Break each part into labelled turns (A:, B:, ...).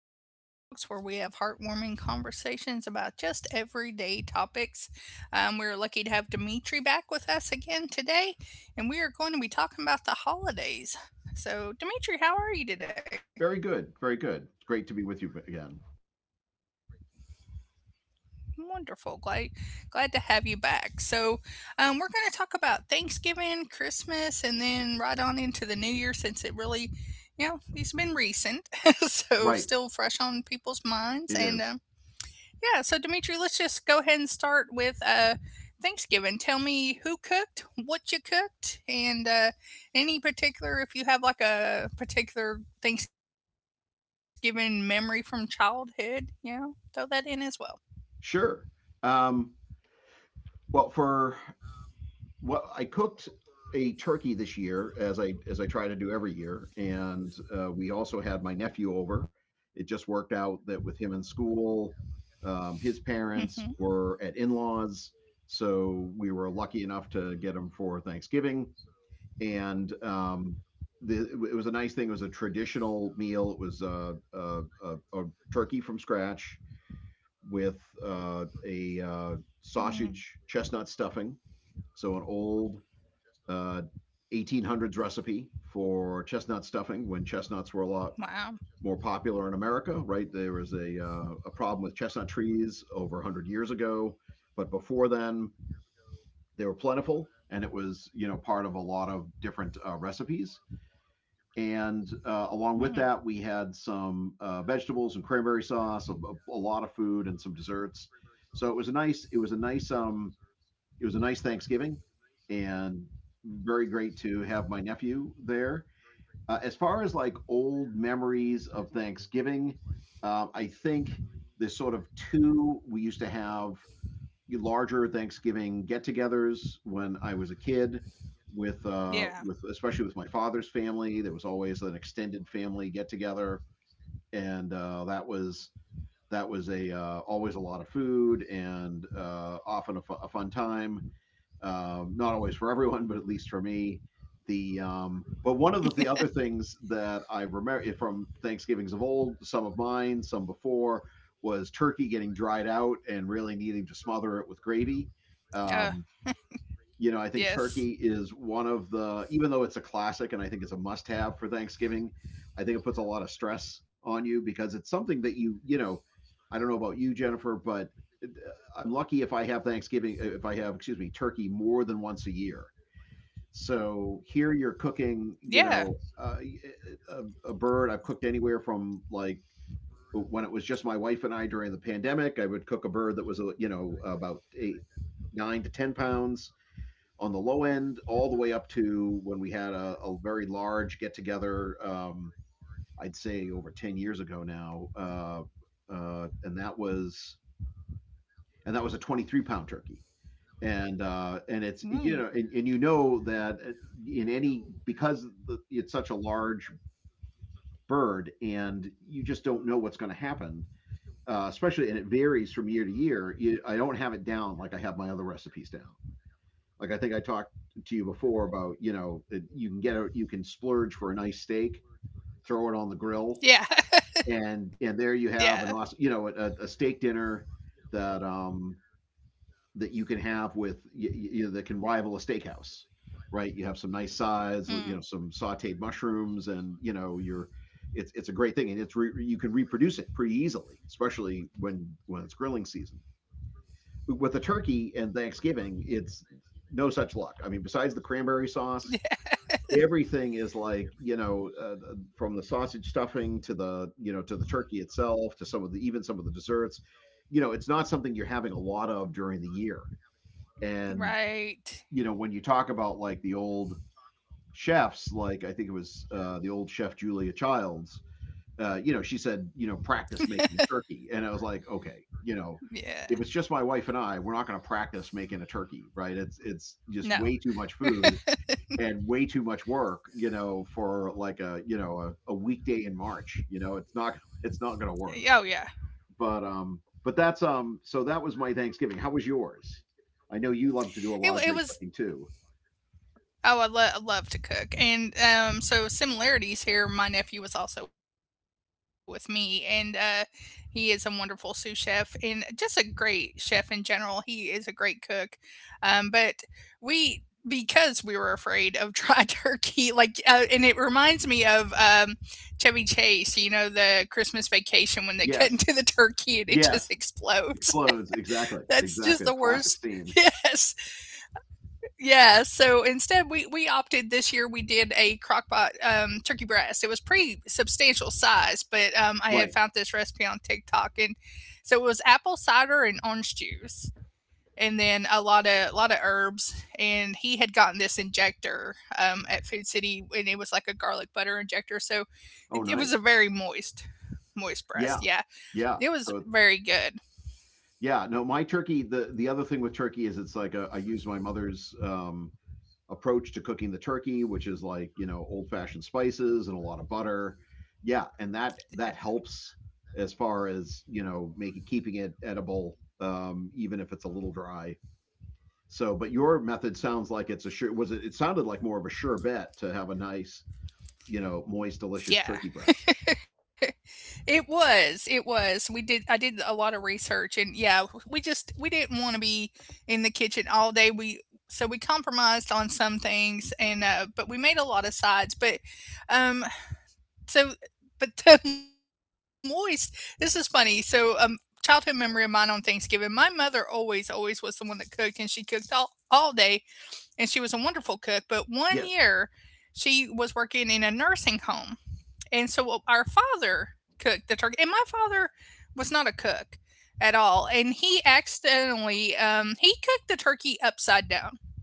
A: welcome back again to Gen Talks, where we have heartwarming conversations about just everyday topics. We're lucky to have Dimitri back with us again today, and we are going to be talking about the holidays. So,
B: Very good.
A: Dimitri, how
B: Very
A: are you
B: good. It's
A: today?
B: great to be with you again.
A: Wonderful, glad to have you back. So, we're going to talk about Thanksgiving, Christmas, and then right on into the New Year, since it really, these have been recent, so
B: Right.
A: still fresh on people's minds
B: It
A: and.
B: is.
A: Um, Yeah, so Dimitri, let's just go ahead and start with Thanksgiving. Tell me who cooked, what you cooked, and any particular, if you have like a particular Thanksgiving memory from childhood, throw that in as well.
B: Sure. Um, well, for I cooked a turkey this year, as I try to do every year, and we also had my nephew over. It just worked out that with him in school,
A: Hmm.
B: his parents were at in-laws, so we were lucky enough to get him for Thanksgiving. And it was a nice thing. It was a traditional meal. It was a turkey from scratch with a
A: Mm.
B: sausage chestnut stuffing, so an old uh, 1800s recipe for chestnut stuffing when chestnuts were a lot
A: Wow.
B: more popular in America, right? There was a problem with chestnut trees over 100 years ago, but before then they were plentiful and it was, you know, part of a lot of different recipes. And along with that,
A: Mm,
B: we had some vegetables and cranberry sauce, a lot of food, and some desserts. So it was a nice, it was a nice Thanksgiving and very great to have my nephew there. As far as like old memories of Thanksgiving, I think there's sort of two. We used to have larger Thanksgiving get-togethers when I was a kid, with
A: yeah.
B: especially with my father's family. There was always an extended family get-together, and that was a always a lot of food and often a fun time. Not always for everyone, but at least for me. The but one of the other things that I remember from Thanksgivings of old, some of mine, some before, was turkey getting dried out and really needing to smother it with gravy.
A: Uh,
B: Um, you know, I think
A: yes.
B: turkey is one of the, even though it's a classic and I think it's a must have for Thanksgiving, I think it puts a lot of stress on you because it's something that you know, I don't know about you, Jennifer, but uh, I'm lucky if I have Thanksgiving, if I have, excuse me, turkey more than once a year. So here you're
A: Yeah.
B: cooking, you know, a bird I've cooked anywhere from like when it was just my wife and I during the pandemic, I would cook a bird that was, you know, about eight, nine to 10 pounds on the low end all the way up to when we had a very large get together. I'd say over 10 years ago now, and that was a 23 pound turkey. And
A: Mm,
B: it's you know and you know that in any because it's such a large bird and you just don't know what's going to happen. Especially and it varies from year to year. I don't have it down like I have my other recipes down. Like I think I talked to you before about you know you can get a you can splurge for a nice steak, throw it on the grill,
A: yeah.
B: and
A: Yeah.
B: there you have an awesome you know a steak dinner that um that you can have with you know that can rival a steakhouse, right? You have some nice sides,
A: Mm,
B: you know, some sautéed mushrooms, and you know you're it's a great thing, and you can reproduce it pretty easily, especially when it's grilling season with the turkey and Thanksgiving, it's no such luck. I mean, besides the cranberry sauce, everything is like you know, from the sausage stuffing to the turkey itself to some of the even some of the desserts. You know, it's not something you're having a lot of during the year. And
A: right.
B: you know, when you talk about like the old chefs, like I think it was the old chef Julia Childs, you know, she said, you know, practice making a turkey. And I was like, okay, you know,
A: Yeah.
B: if it's just my wife and I, we're not going to practice making a turkey, right? It's
A: No.
B: just way too much food and way too much work, you know, for like a weekday in March. You know, it's not it's not going to work.
A: Oh, yeah.
B: But that's so that was my Thanksgiving. How was yours? I know you love to do a
A: It,
B: lot of
A: it
B: great
A: was
B: cooking too.
A: Oh, I love to cook. And so, similarities here. My nephew was also with me, and he is a wonderful sous chef and just a great chef in general. He is a great cook. But we, because we were afraid of dry turkey, like, and it reminds me of Chevy Chase, the Christmas vacation when they cut
B: Yes,
A: into the turkey and it just
B: yes,
A: explodes.
B: explodes exactly,
A: That's just
B: exactly.
A: the
B: Classic
A: worst.
B: scene,
A: Yes. Yeah, so instead we opted this year we did a crockpot turkey breast. It was pretty substantial size, but I had
B: right?
A: found this recipe on TikTok, and so it was apple cider and orange juice, and then a lot of herbs, and he had gotten this injector at Food City, and it was like a garlic butter injector. So
B: Oh,
A: it was a
B: nice.
A: very moist breast.
B: Yeah.
A: Yeah.
B: Yeah.
A: It was
B: So
A: very good.
B: yeah, no, my turkey, the other thing with turkey is it's like a, I use my mother's approach to cooking the turkey, which is like, you know, old-fashioned spices and a lot of butter. Yeah, and that helps as far as, you know, making keeping it edible even if it's a little dry. So, but your method sounds like it sounded like more of a sure bet to have a nice, you know, moist, delicious
A: Yeah.
B: turkey breast.
A: It was. We did I did a lot of research, and yeah, we just we didn't wanna be in the kitchen all day. We So we compromised on some things, but we made a lot of sides. But, um, so but the moist This is funny. So, childhood memory of mine on Thanksgiving, my mother always was the one that cooked, and she cooked all day, and she was a wonderful cook, but one year,
B: Yes.
A: she was working in a nursing home, and so, well, our father cooked the turkey, and my father was not a cook at all. And he accidentally he cooked the turkey upside down,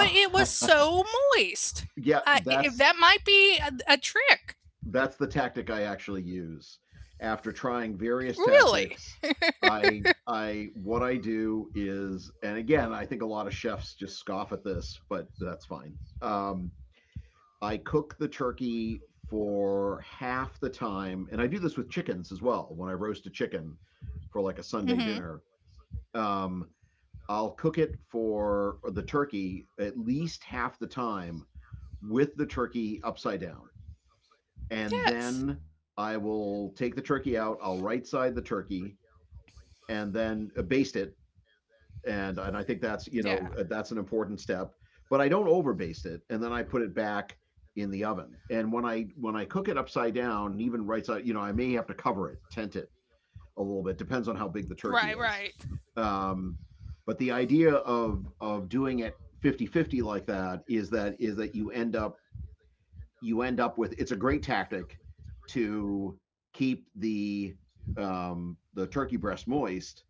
B: Uh,
A: but it was so moist.
B: yeah,
A: If that might be a trick,
B: that's the tactic I actually use. After trying various
A: really.
B: tactics, I what I do is, and again, I think a lot of chefs just scoff at this, but that's fine. I cook the turkey for half the time, and I do this with chickens as well. When I roast a chicken for like a Sunday dinner,
A: Mm-hmm.
B: um, I'll cook it for the turkey at least half the time with the turkey upside down. And then
A: Yes.
B: I will take the turkey out, I'll right side the turkey and then baste it. And I think that's, you
A: Yeah.
B: know, that's an important step, but I don't over baste it. And then I put it back in the oven. And when when I cook it upside down, even right side, you know, I may have to cover it, tent it a little bit. Depends on how big the turkey
A: Right.
B: is.
A: Right.
B: Um, but the idea of doing it 50 50 like that is is that you end up with it's a great tactic to keep the turkey breast moist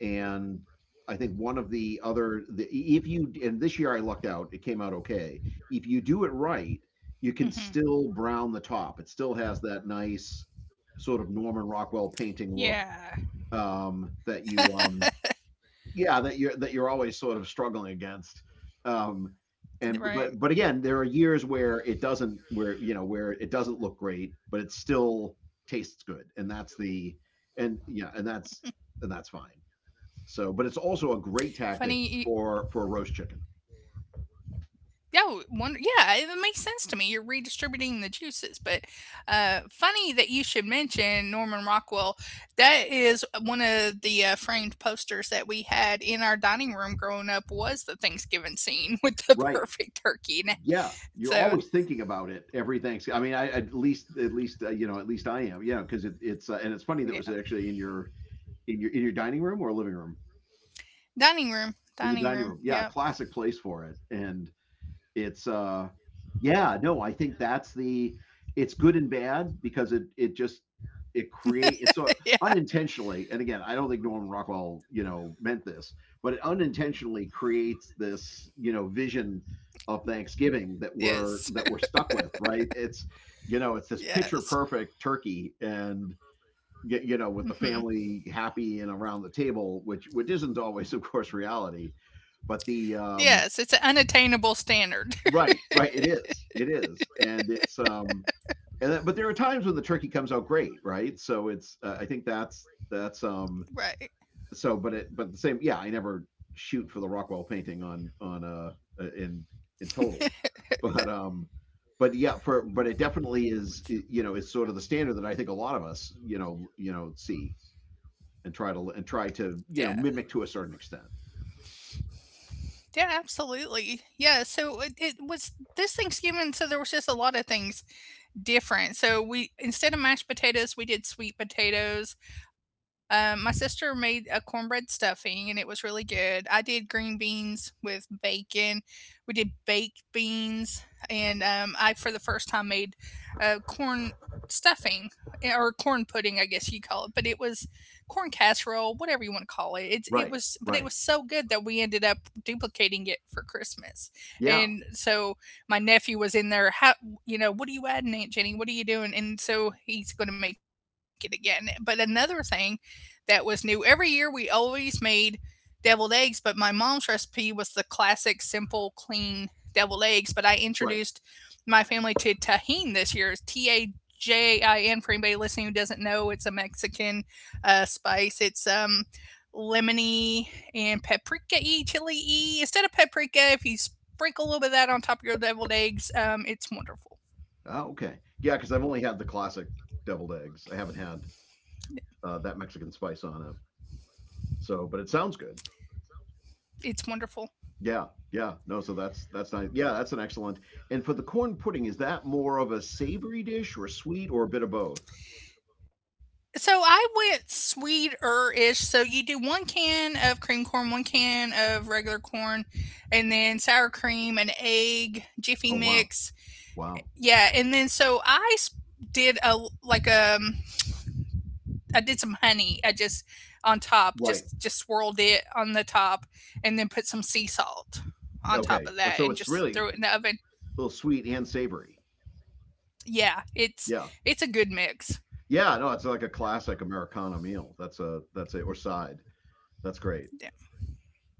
B: and I think one of if you and this year I lucked out it came out okay if you do it right you can
A: Mm-hmm.
B: still brown the top. It still has that nice sort of Norman Rockwell painting look,
A: Yeah.
B: that you yeah, that you're always sort of struggling against, um and
A: Right.
B: but again there are years where it doesn't where you know where it doesn't look great but it still tastes good, and that's the and yeah, and that's fine. So but it's also a great
A: Funny.
B: tactic for roast chicken,
A: Oh, yeah, it makes sense to me. You're redistributing the juices, but funny that you should mention Norman Rockwell. That is one of the framed posters that we had in our dining room growing up. Was the Thanksgiving scene with the
B: right?
A: perfect turkey in it.
B: Yeah, you're always
A: So
B: thinking about it every Thanksgiving. I mean, I at least you know at least I am. Yeah, because it's and it's funny that it was
A: yeah,
B: actually in your in your in your dining room or living room.
A: dining
B: In
A: room,
B: the dining room.
A: dining
B: Yeah,
A: room.
B: classic
A: Yep.
B: place for it. And it's yeah, no, I think that's the it's good and bad because it just it's so
A: Yeah.
B: unintentionally, and again I don't think Norman Rockwell you know meant this, but it unintentionally creates this you know vision of Thanksgiving
A: Yes.
B: that we're stuck with, right? It's you know it's this picture
A: Yes.
B: perfect turkey and you know
A: Hmm.
B: with the family happy and around the table, which isn't always of course reality. But the
A: Yes. It's an unattainable standard,
B: Right, right, it is, and it's and that, but there are times when the turkey comes out great, right? So it's I think that's
A: right?
B: so but it but the same, yeah, I never shoot for the Rockwell painting on uh, in in total, but yeah, for but it definitely is, you know, it's sort of the standard that I think a lot of us, you know, see and try to you
A: Yeah.
B: know mimic to a certain extent.
A: Yeah, absolutely. Yeah, so it was this Thanksgiving, so there was just a lot of things different. So we, instead of mashed potatoes, we did sweet potatoes. My sister made a cornbread stuffing, and it was really good. I did green beans with bacon. We did baked beans, and I for the first time made corn stuffing, or corn pudding, I guess you call it. But it was corn casserole, whatever you want to call it. It
B: Right,
A: was, but it
B: right.
A: was so good that we ended up duplicating it for Christmas.
B: Yeah,
A: And so my nephew was in there, what are you adding, Aunt Jenny? What are you doing? And so he's going to make it again. But another thing that was new every year, we always made deviled eggs, but my mom's recipe was the classic, simple, clean deviled eggs. But I introduced
B: right.
A: my family to Tajin this year. It's Tajin. For anybody listening who doesn't know, it's a Mexican spice. It's lemony and paprika y chili y. Instead of paprika, if you sprinkle a little bit of that on top of your deviled eggs. It's wonderful.
B: Oh, okay. Yeah, because I've only had the classic deviled eggs. I haven't had that Mexican spice on it. So, but it sounds good.
A: It's wonderful.
B: Yeah, yeah. No, so that's nice. Yeah, that's an excellent. And for the corn pudding, is that more of a savory dish or sweet or a bit of both?
A: So I went sweeter-ish. So you do one can of cream corn, one can of regular corn, and then sour cream, an egg, jiffy
B: Oh, wow.
A: mix.
B: Wow.
A: Yeah, and then so I did a like a I did some honey. I just on top,
B: Right.
A: just swirled it on the top, and then put some sea salt on top
B: Okay.
A: of that,
B: So
A: and
B: it's
A: just
B: really a
A: threw it in the oven.
B: little sweet and savory.
A: Yeah, it's
B: Yeah.
A: it's a good mix.
B: Yeah, no, it's like a classic Americana meal. That's a that's it or side. That's great.
A: Yeah.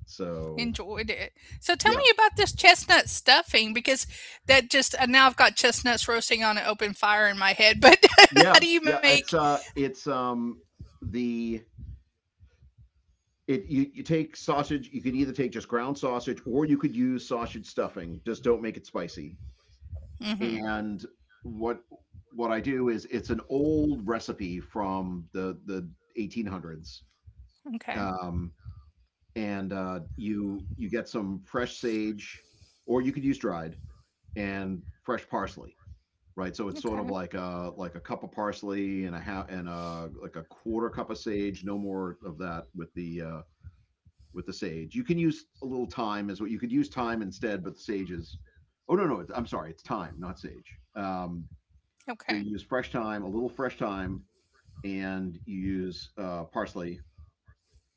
B: So
A: Enjoyed it. So tell me
B: yeah,
A: about this chestnut stuffing because that just now I've got chestnuts roasting on an open fire in my head. But
B: yeah,
A: how do you
B: yeah.
A: make?
B: It's the it you take sausage. You could either take just ground sausage or you could use sausage stuffing. Just don't make it spicy.
A: Hmm.
B: And what what I do is it's an old recipe from the 1800s.
A: Okay.
B: Um, and you get some fresh sage, or you could use dried and fresh parsley, right? So it's sort of like
A: Okay.
B: a like a cup of parsley and a half and a quarter cup of sage, no more of that with the sage. You can use a little thyme as what you could use thyme instead, but the sage is. Oh, no, no, it's, I'm sorry, it's thyme, not sage. Um,
A: Okay.
B: so you use fresh thyme, a little fresh thyme, and you use parsley,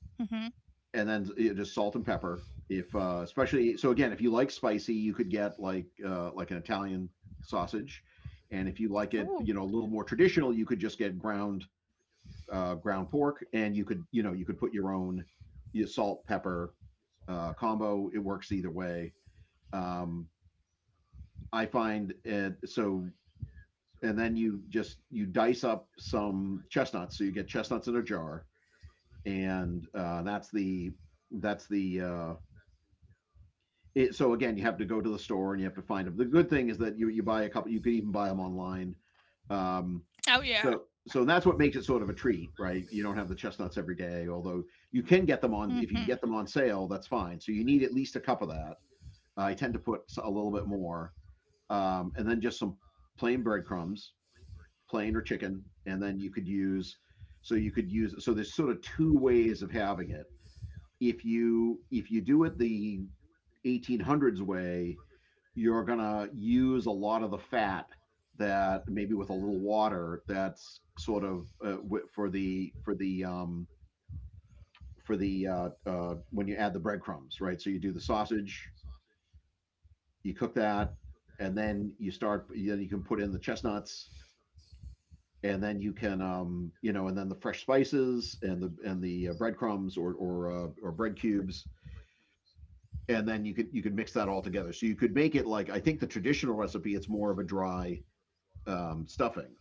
A: Hmm.
B: and then just salt and pepper. If Especially, so again, if you like spicy, you could get like an Italian sausage, and if you like it,
A: Ooh.
B: a little more traditional, you could just get ground ground pork, and you could you could put your own you salt pepper combo. It works either way. Um, I find it so, and then you just you dice up some chestnuts. So you get chestnuts in a jar, and that's the uh, so again, you have to go to the store and you have to find them. The good thing is that you buy a couple. You could even buy them online. Um,
A: Oh, yeah.
B: so that's what makes it sort of a treat, right? You don't have the chestnuts every day, although you can get them on if you can
A: Hmm.
B: get them on sale, that's fine. So you need at least a cup of that. I tend to put a little bit more, and then just some plain breadcrumbs, plain or chicken, and then you could use. So you could use. So there's sort of two ways of having it. If you do it the 1800s way, you're gonna use a lot of the fat that maybe with a little water, that's sort of for the for the for the when you add the breadcrumbs, right? So you do the sausage, you cook that, and then you start. Then you can put in the chestnuts, and then you can and then the fresh spices and the breadcrumbs or bread cubes, and then you could mix that all together. So you could make it like, I think the traditional recipe, it's more of a dry stuffing.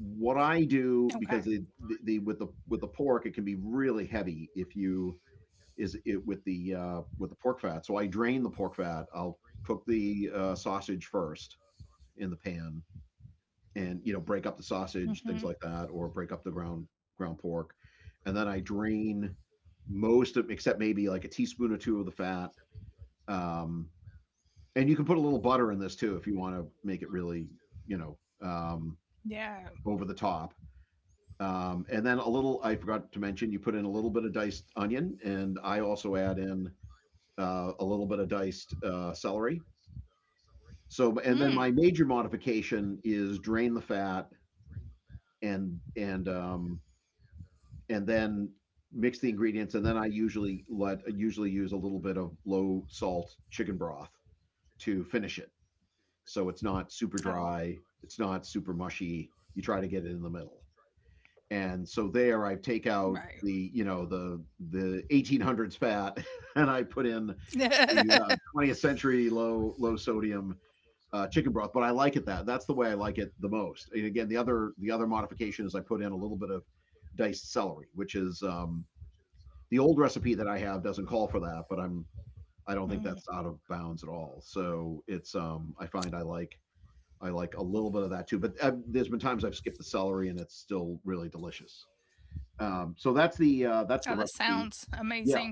B: What I do
A: Okay.
B: because it, the with the with the pork it can be really heavy if you is it with the pork fat. So I drain the pork fat. I'll cook the sausage first in the pan, and break up the sausage, things
A: Hmm.
B: like that, or break up the ground pork, and then I drain most of, except maybe like a teaspoon or two of the fat. Um, and you can put a little butter in this too if you want to make it really you know um,
A: Yeah.
B: over the top. And then a little, I forgot to mention, you put in a little bit of diced onion, and I also add in a little bit of diced celery. So, and then my
A: Mm.
B: major modification is drain the fat and and um, and then mix the ingredients, and then I usually use a little bit of low salt chicken broth to finish it, so it's not super dry,
A: Oh.
B: it's not super mushy. You try to get it in the middle. And so there I take out the
A: Right.
B: you know the 1800s fat and I put in the 20th century low sodium chicken broth. But I like it, that's the way I like it the most. And again, the other modification is I put in a little bit of diced celery, which is the old recipe that I have doesn't call for that, but I don't think that's out of
A: Mm.
B: bounds at all. So it's I like a little bit of that too. But there's been times I've skipped the celery and it's still really delicious. So that's the
A: Oh, that sounds
B: recipe.
A: amazing.
B: Yeah,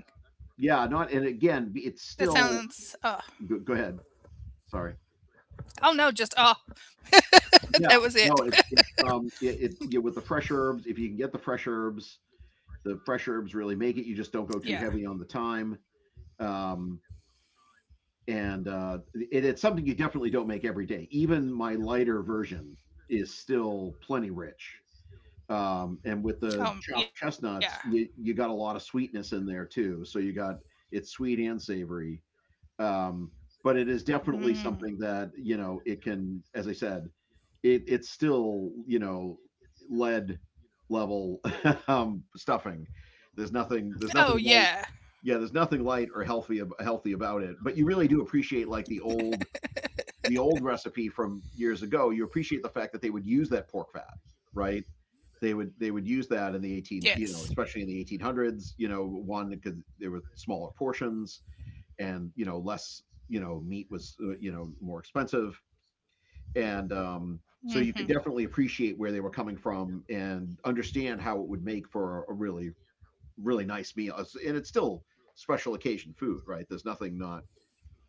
B: yeah. Not, and again, it's
A: That
B: still.
A: sounds.
B: Go, go ahead. Sorry.
A: Oh, no, just oh.
B: Yeah,
A: That was it.
B: no. It, it's it, it yeah, with the fresh herbs. If you can get the fresh herbs really
A: Yeah.
B: make it. You just don't go too heavy on the thyme. Um, and it's something you definitely don't make every day. Even my lighter version is still plenty rich. And with the
A: Yeah.
B: chopped chestnuts, you got a lot of sweetness in there too. So you got, it's sweet and savory. Um, but it is
A: Mm.
B: definitely something that, it can, as I said, it's still, lead level stuffing.
A: Oh yeah.
B: There's nothing light. Yeah, there's nothing light or healthy about it. But you really do appreciate, like, the old recipe from years ago. You appreciate the fact that they would use that pork fat, right? They would use that in the 18,
A: Yes.
B: especially in the 1800s, one because there were smaller portions, and less meat was more expensive, and so
A: Hmm.
B: you could definitely appreciate where they were coming from and understand how it would make for a really really nice meal. And it's still special occasion food, right? There's nothing not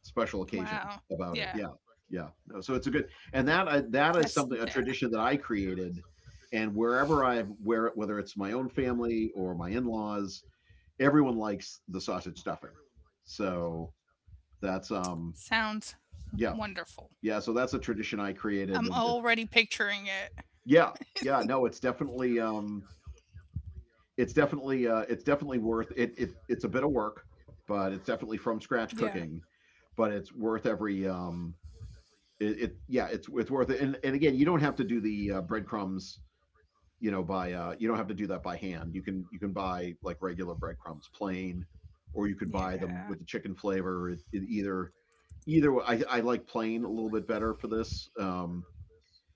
B: special
A: Wow.
B: occasion
A: Yeah.
B: about it. Yeah. Yeah, no, so it's a good, and that
A: That's
B: is
A: Yeah.
B: something, a tradition that I created, and wherever I wear it, whether it's my own family or my in-laws, everyone likes the sausage stuffing. So that's
A: Sounds
B: yeah.
A: wonderful.
B: Yeah, so that's a tradition I
A: I'm
B: created, and it,
A: already picturing it.
B: yeah. Yeah, no, it's definitely worth it. It's a bit of work, but it's definitely from scratch
A: Yeah.
B: cooking, but it's worth every it, it yeah, it's worth it. And again, you don't have to do the breadcrumbs, you know, by you don't have to do that by hand. You can buy like regular breadcrumbs plain, or you could buy them with
A: Yeah.
B: the chicken flavor. It either either I like plain a little bit better for this. Um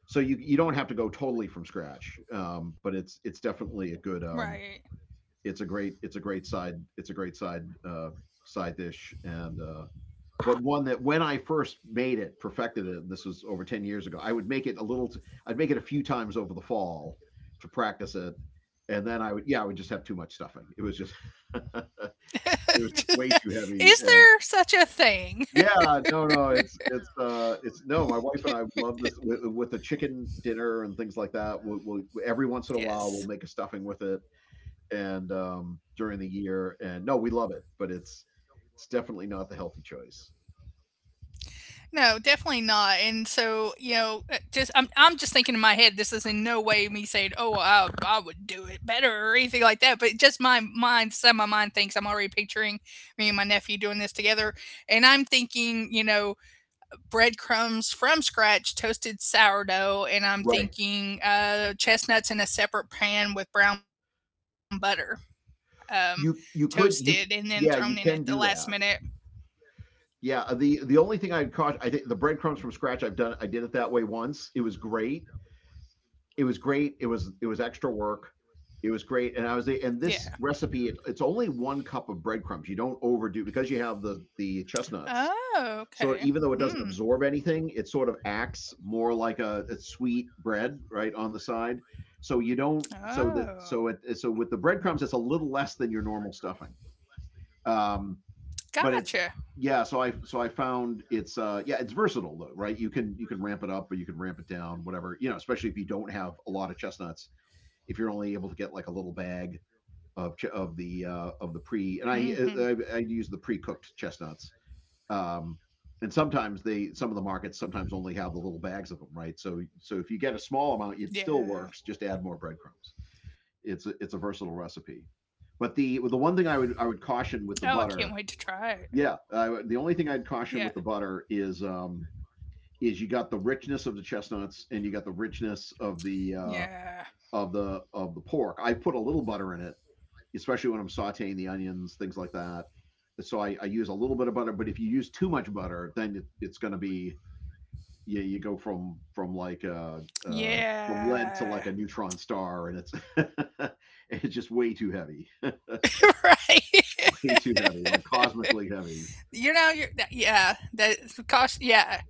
B: so you you don't have to go totally from scratch, but it's definitely a
A: Right.
B: good it's a great side it's a great side side dish, and but one that, when I first made it, perfected it, and this was over 10 years ago, I would make it a little t- I'd make it a few times over the fall to practice it, and then I would yeah I would just have too much stuffing. It was just it was just way too
A: Is
B: heavy.
A: there such a thing?
B: Yeah, no, no, it's no, my wife and I love this with the chicken dinner and things like that. We'll every once in a while we'll make a
A: Yes.
B: stuffing with it, and during the year, and no, we love it, but it's definitely not the healthy choice.
A: No, definitely not. And so, just I'm just thinking in my head, this is in no way me saying, "Oh, I would do it better" or anything like that. But just my mind, some of my mind thinks I'm already picturing me and my nephew doing this together, and I'm thinking, breadcrumbs from scratch, toasted sourdough, and I'm
B: Right.
A: thinking chestnuts in a separate pan with brown butter, um,
B: You
A: toasted
B: you
A: and then
B: could
A: thrown
B: you
A: in at the
B: yeah,
A: last
B: you can
A: minute.
B: do that. Yeah, the only thing I'd caution, I think the breadcrumbs from scratch, I did it that way once. It was great, it was great. It was extra work. It was great, and I was and this
A: Yeah.
B: recipe, it's only one cup of breadcrumbs. You don't overdo because you have the chestnuts.
A: Oh,
B: So even though it doesn't
A: okay.
B: absorb
A: Hmm.
B: anything, it sort of acts more like a sweet bread right on the side. So you don't so that so it so with the
A: Oh.
B: breadcrumbs it's a little less than your normal stuffing. Um, but it's yeah,
A: Gotcha.
B: so I found it's versatile though, right? You can ramp it up or you can ramp it down, whatever, especially if you don't have a lot of chestnuts, if you're only able to get like a little bag of the of the pre, and I use the
A: Hmm.
B: pre cooked chestnuts. Um, and sometimes they some of the markets sometimes only have the little bags of them, right? So if you get a small amount, it still works. Just add more breadcrumbs.
A: Yeah.
B: It's a versatile recipe. But the one thing I would caution with the butter,
A: Oh, I can't wait to
B: yeah,
A: try it.
B: the only thing I'd caution with the butter
A: Yeah.
B: is you got the richness of the chestnuts and you got the richness of the of the
A: Yeah.
B: pork. I put a little butter in it, especially when I'm sauteing the onions, things like that. So I use a little bit of butter, but if you use too much butter, then it's going to be, you go from like, from lead to like a neutron star, and it's
A: Yeah.
B: it's just way too heavy,
A: Right.
B: way too heavy, like cosmically heavy.
A: Yeah, yeah,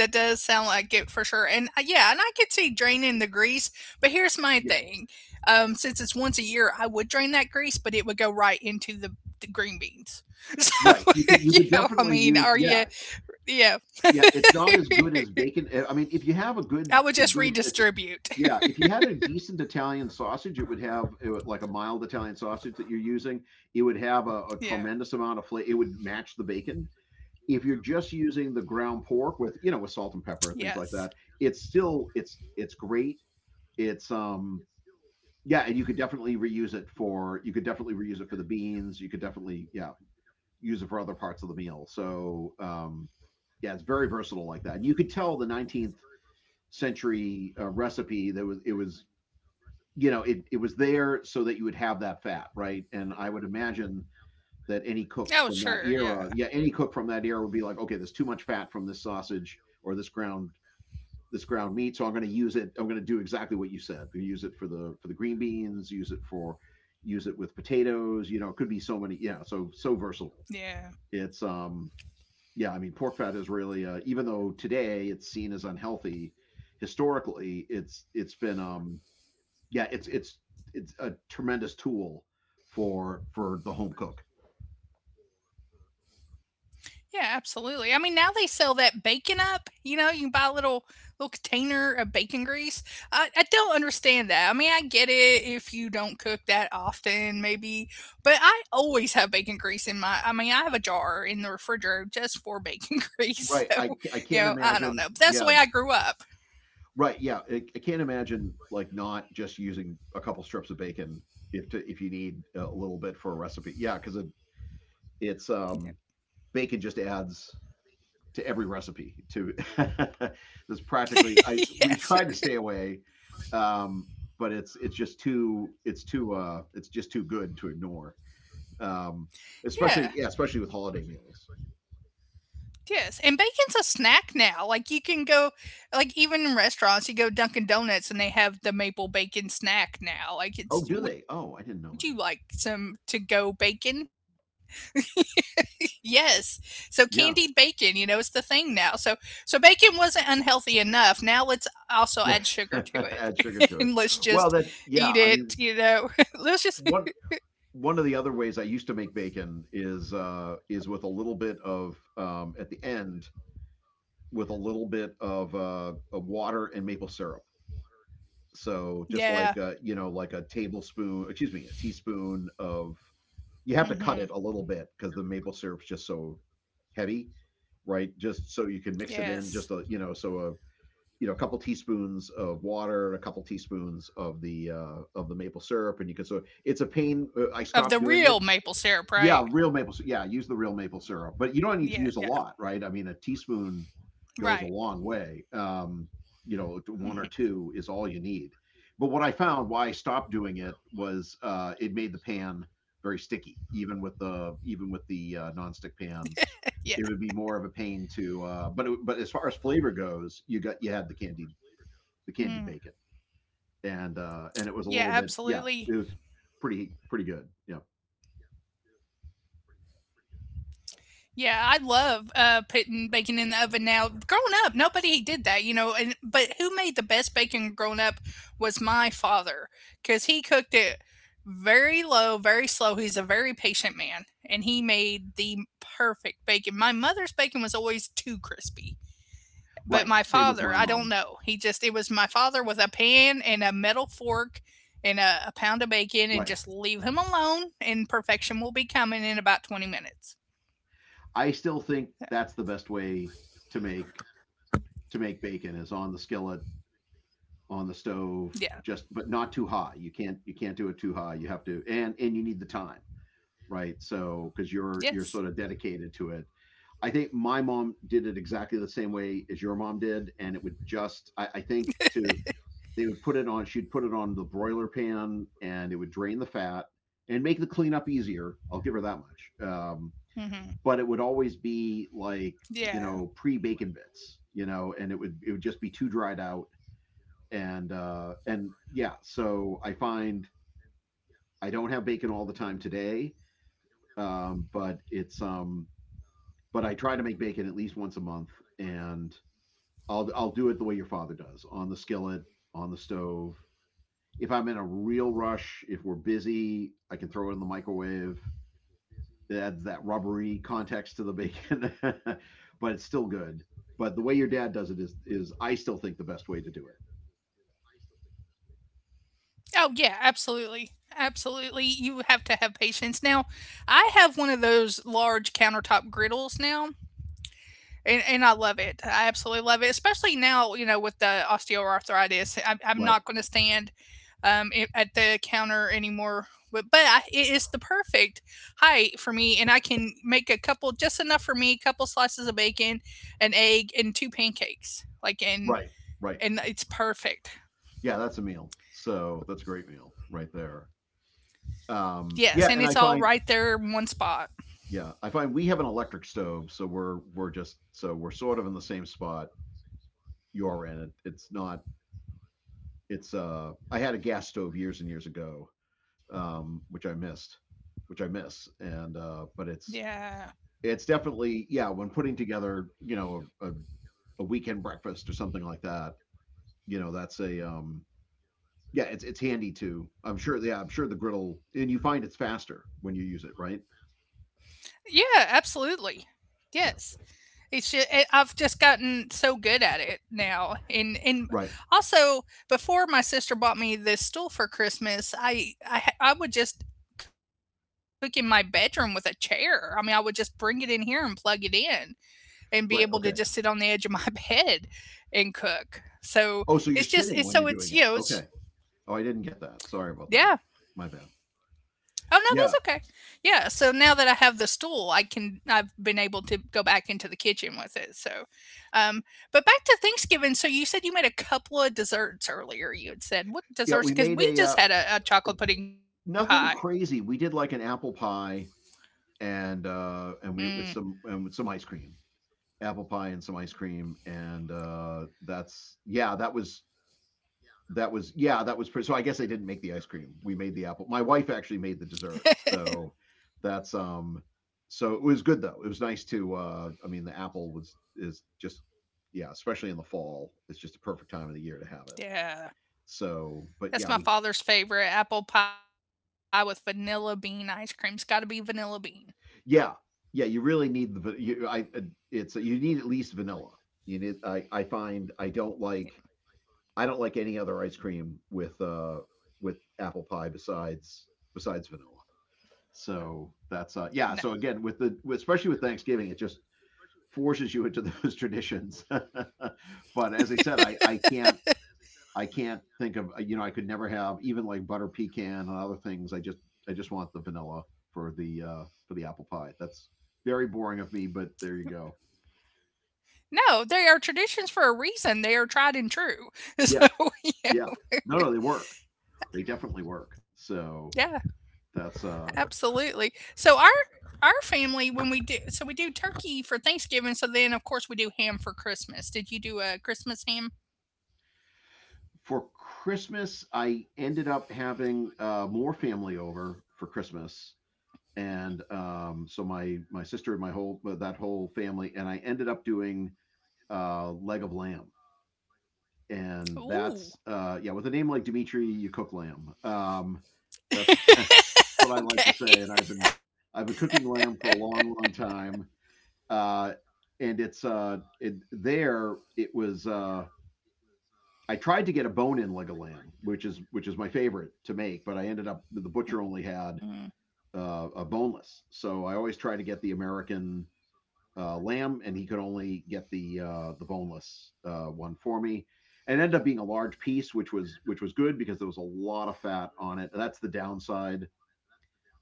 A: that does sound like it for sure. And yeah, and I could see draining the grease, but here's my
B: Yep,
A: thing. Since it's once a year, I would drain that grease, but it would go right into the green beans. So,
B: right. You could you could
A: I
B: definitely use,
A: mean,
B: yeah.
A: yeah.
B: Yeah, it's not as good as bacon. I mean, if you have a good,
A: I would just redistribute.
B: yeah, if you had a decent Italian sausage, it would have, like a mild Italian sausage that you're using. It would
A: Yeah.
B: have a tremendous amount of flavor. It would match the bacon. If you're just using the ground pork with, with salt and pepper,
A: Yes.
B: things like that, it's still it's great. It's Yeah, and you could definitely reuse it for, the beans. You could definitely, yeah, use it for other parts of the meal. So, yeah, it's very versatile like that. And you could tell the 19th century recipe that was it was you know it it was there so that you would have that fat, right? And I would imagine that any cook
A: Oh,
B: from that
A: sure.
B: era,
A: Yeah.
B: yeah, any cook from that era would be like, okay, there's too much fat from this sausage or this ground meat, so I'm going to use it. I'm going to do exactly what you said. Use it for the green beans. Use it with potatoes. You know, it could be so many. Yeah. So versatile.
A: Yeah.
B: It's Yeah, I mean, pork fat is really, even though today it's seen as unhealthy, historically it's been, yeah, it's a tremendous tool for the home cook.
A: Yeah, absolutely. I mean, now they sell that bacon up. You know, you can buy a little container of bacon grease. I don't understand that. I mean, I get it if you don't cook that often, maybe, but I always have bacon grease in my. I mean, I have a jar in the refrigerator just for bacon grease. So,
B: Right. I can't
A: I don't know. But
B: imagine.
A: that's the way I
B: Yeah.
A: grew up.
B: Right. Yeah. I can't imagine like not just using a couple strips of bacon, if you need a little bit for a recipe. Yeah, because it it's bacon just adds to every recipe. To This practically I we
A: Yes.
B: tried to stay away, um, but it's just too, it's just too good to ignore. Um, Especially,
A: Yeah.
B: yeah, especially with holiday meals.
A: Yes, and bacon's a snack now. Like you can go, like even in restaurants, you go Dunkin' Donuts and they have the maple bacon snack now. Like
B: Oh, do they?
A: would you
B: Oh, I
A: like
B: didn't know that.
A: some to go bacon? Yes. So candied bacon,
B: Yeah,
A: it's the thing now. So bacon wasn't unhealthy enough. Now let's also add sugar to it,
B: add sugar
A: and
B: to it.
A: let's just
B: Well, that
A: eat
B: yeah, I
A: it.
B: mean,
A: You know, let's just
B: one one of the other ways I used to make bacon is, is with a little bit of, at the end, with a little bit of water and maple syrup. So just like a, you know,
A: yeah.
B: like a tablespoon, excuse me, a teaspoon of— you have to cut it a little bit
A: Hmm.
B: because the maple syrup's just so heavy, right? Just so you can mix it in, just a, so
A: Yes,
B: a, a couple teaspoons of water and a couple teaspoons of the, maple syrup, and you can, so it's a pain. I
A: of the
B: stopped doing it.
A: real maple syrup, right?
B: Yeah, real maple syrup. Yeah, use the real maple syrup, but you don't need to use a
A: Yeah, yeah,
B: lot, right? I mean, a teaspoon goes a long
A: right.
B: way. One or two is all you need. But what I found why I stopped doing it was, it made the pan very sticky, even with the, nonstick pans.
A: Yeah.
B: It would be more of a pain to, but, but as far as flavor goes, you had the candied bacon,
A: Mm.
B: and, and it was a little bit,
A: Yeah,
B: yeah, it was
A: absolutely.
B: pretty good. Yeah,
A: Yeah, I love putting bacon in the oven now. Growing up, nobody did that. And but who made the best bacon growing up was my father, because he cooked it very low, very slow. He's a very patient man, and he made the perfect bacon. My mother's bacon was always too crispy. But my
B: right. Same
A: father,
B: with
A: I
B: my
A: don't
B: mom.
A: know. He just It was my father with a pan and a metal fork and a, pound of bacon, and
B: Right.
A: just leave him alone and perfection will be coming in about 20 minutes.
B: I still think that's the best way to make, bacon is on the skillet, on the stove. Just, but
A: Yeah.
B: not too high. You can't do it too high. You have to, and you need the time, right? So because you're sort of
A: Yes.
B: dedicated to it. I think my mom did it exactly the same way as your mom did, and it would just, I think to they would put it on she'd put it on the broiler pan, and it would drain the fat and make the cleanup easier. I'll give her that much.
A: Mhm.
B: But it would always be
A: Yeah.
B: like, pre bacon bits, and it would just be too dried out. And, yeah, so I find I don't have bacon all the time today, but, it's but I try to make bacon at least once a month, and I'll do it the way your father does, on the skillet, on the stove. If I'm in a real rush, if we're busy, I can throw it in the microwave. It adds that rubbery context to the bacon, but it's still good. But the way your dad does it is I still think the best way to do it.
A: Oh yeah, absolutely. Absolutely. You have to have patience. Now, I have one of those large countertop griddles now. And I love it. I absolutely love it, especially now, with the osteoarthritis. I'm not
B: Right,
A: going to stand at the counter anymore. But it is the perfect height for me, and I can make a couple just enough for me, couple slices of bacon, an egg, and two pancakes. Like and
B: right, right.
A: and it's perfect.
B: Yeah, that's a meal. So that's a great meal right there. Um,
A: Yes,
B: yeah,
A: and
B: and I
A: it's all
B: find
A: right there in one spot.
B: yeah, I find we have an electric stove, so we're just— so we're sort of in the same spot you're in. It, it's not it's I had a gas stove years and years ago, which I missed, which I miss, and, but
A: Yeah.
B: it's definitely, yeah, when putting together, a weekend breakfast or something like that. You know that's a Yeah, it's handy too. I'm sure. Yeah, I'm sure the griddle, and you find it's faster when you use it, right?
A: Yeah, absolutely.
B: Yeah.
A: Yes. It's just, I've just gotten so good at it now, and
B: Right,
A: also before my sister bought me this stool for Christmas, I would just cook in my bedroom with a chair. I mean, I would just bring it in here and plug it in, and be able to just sit
B: right.
A: on the
B: Okay.
A: edge of my bed and cook. So it's
B: Oh, so
A: just
B: you're
A: it's so
B: sitting when
A: it's
B: you're
A: you know
B: doing it.
A: it's
B: Okay. Oh, I didn't get that. Sorry about that.
A: yeah.
B: My bad.
A: Oh
B: Yeah.
A: no, that's okay. Yeah, so now that I have the stool, I've been able to go back into the kitchen with it. So, um, but back to Thanksgiving. So you said you made a couple of desserts earlier. You had said what
B: Yeah, we
A: desserts?
B: made
A: Because
B: a
A: we just had a chocolate pudding pie.
B: nothing crazy. We did like an apple pie, and, we
A: Mm,
B: with some and with some ice cream. Apple pie and some ice cream, and, that's, yeah, that was— that was, yeah, that was pretty. So I guess I didn't make the ice cream. We made the apple. My wife actually made the dessert, so, that's so it was good though. It was nice to, I mean, the apple was is just— yeah, especially in the fall, it's just a perfect time of the year to have it.
A: yeah,
B: So, but
A: that's
B: yeah,
A: my
B: we—
A: father's favorite apple pie with vanilla bean ice cream. It's got to be vanilla bean.
B: yeah, yeah, you really need the, va- you, I it's you need at least vanilla. You need, I find,
A: Yeah,
B: I don't like any other ice cream with, apple pie besides, vanilla. So that's,
A: no,
B: yeah. So again, with, the especially with Thanksgiving, it just forces you into those traditions. but, as I said, I can't, think of, I could never have even like butter pecan and other things. I just want the vanilla for the apple pie. That's very boring of me, but there you go.
A: no, they are traditions for a reason. They are tried and true.
B: Yeah,
A: So yeah,
B: yeah. No, no, they work. They definitely work.
A: yeah.
B: So that's,
A: Absolutely. So our family when we do, so we do turkey for Thanksgiving. So then of course we do ham for Christmas. Did you do a Christmas ham?
B: for Christmas, I ended up having, more family over for Christmas, and, so my sister and my whole that whole family, and I ended up doing, leg of lamb. And
A: Ooh.
B: that's, yeah, with a name like Dimitri, you cook lamb, that's what I like to
A: Okay.
B: say. And I've been cooking lamb for a long, long time, uh, and, there it was, I tried to get a bone in leg of lamb, which is, my favorite to make. But I ended up the butcher
A: Mm,
B: only had, a boneless, so I always try to get the American, lamb, and he could only get the boneless, one for me. And it ended up being a large piece, which was, good, because there was a lot of fat on it. That's the downside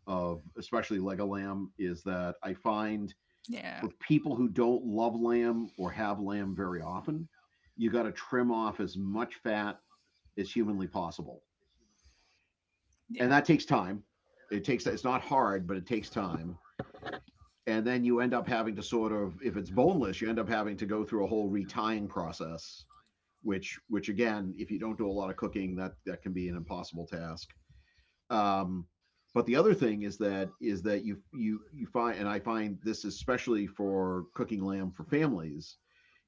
B: of especially leg of lamb, is that I find,
A: yeah.
B: for people who don't love lamb or have lamb very often, you got to trim off as much fat as humanly possible, and
A: Yeah.
B: that takes time. It's not hard, but it takes time. And then you end up having to sort of, if it's boneless, you end up having to go through a whole retying process, which again, if you don't do a lot of cooking, that can be an impossible task. um, but the other thing is that you find, and I find this especially for cooking lamb for families,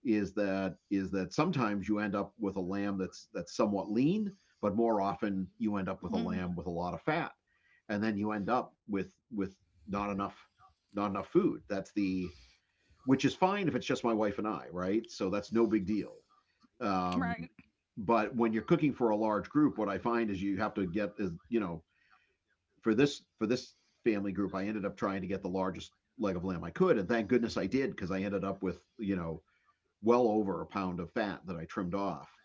B: is that sometimes you end up with a lamb that's somewhat lean, but more often you end up with a
A: Mm,
B: lamb with a lot of fat, and then you end up with not enough not enough food. That's the— which is fine if it's just my wife and I, right? So that's no big deal.
A: right.
B: Um, but when you're cooking for a large group, what I find is you have to get is, for this family group, I ended up trying to get the largest leg of lamb I could, and thank goodness I did, because I ended up with, well over a pound of fat that I trimmed off,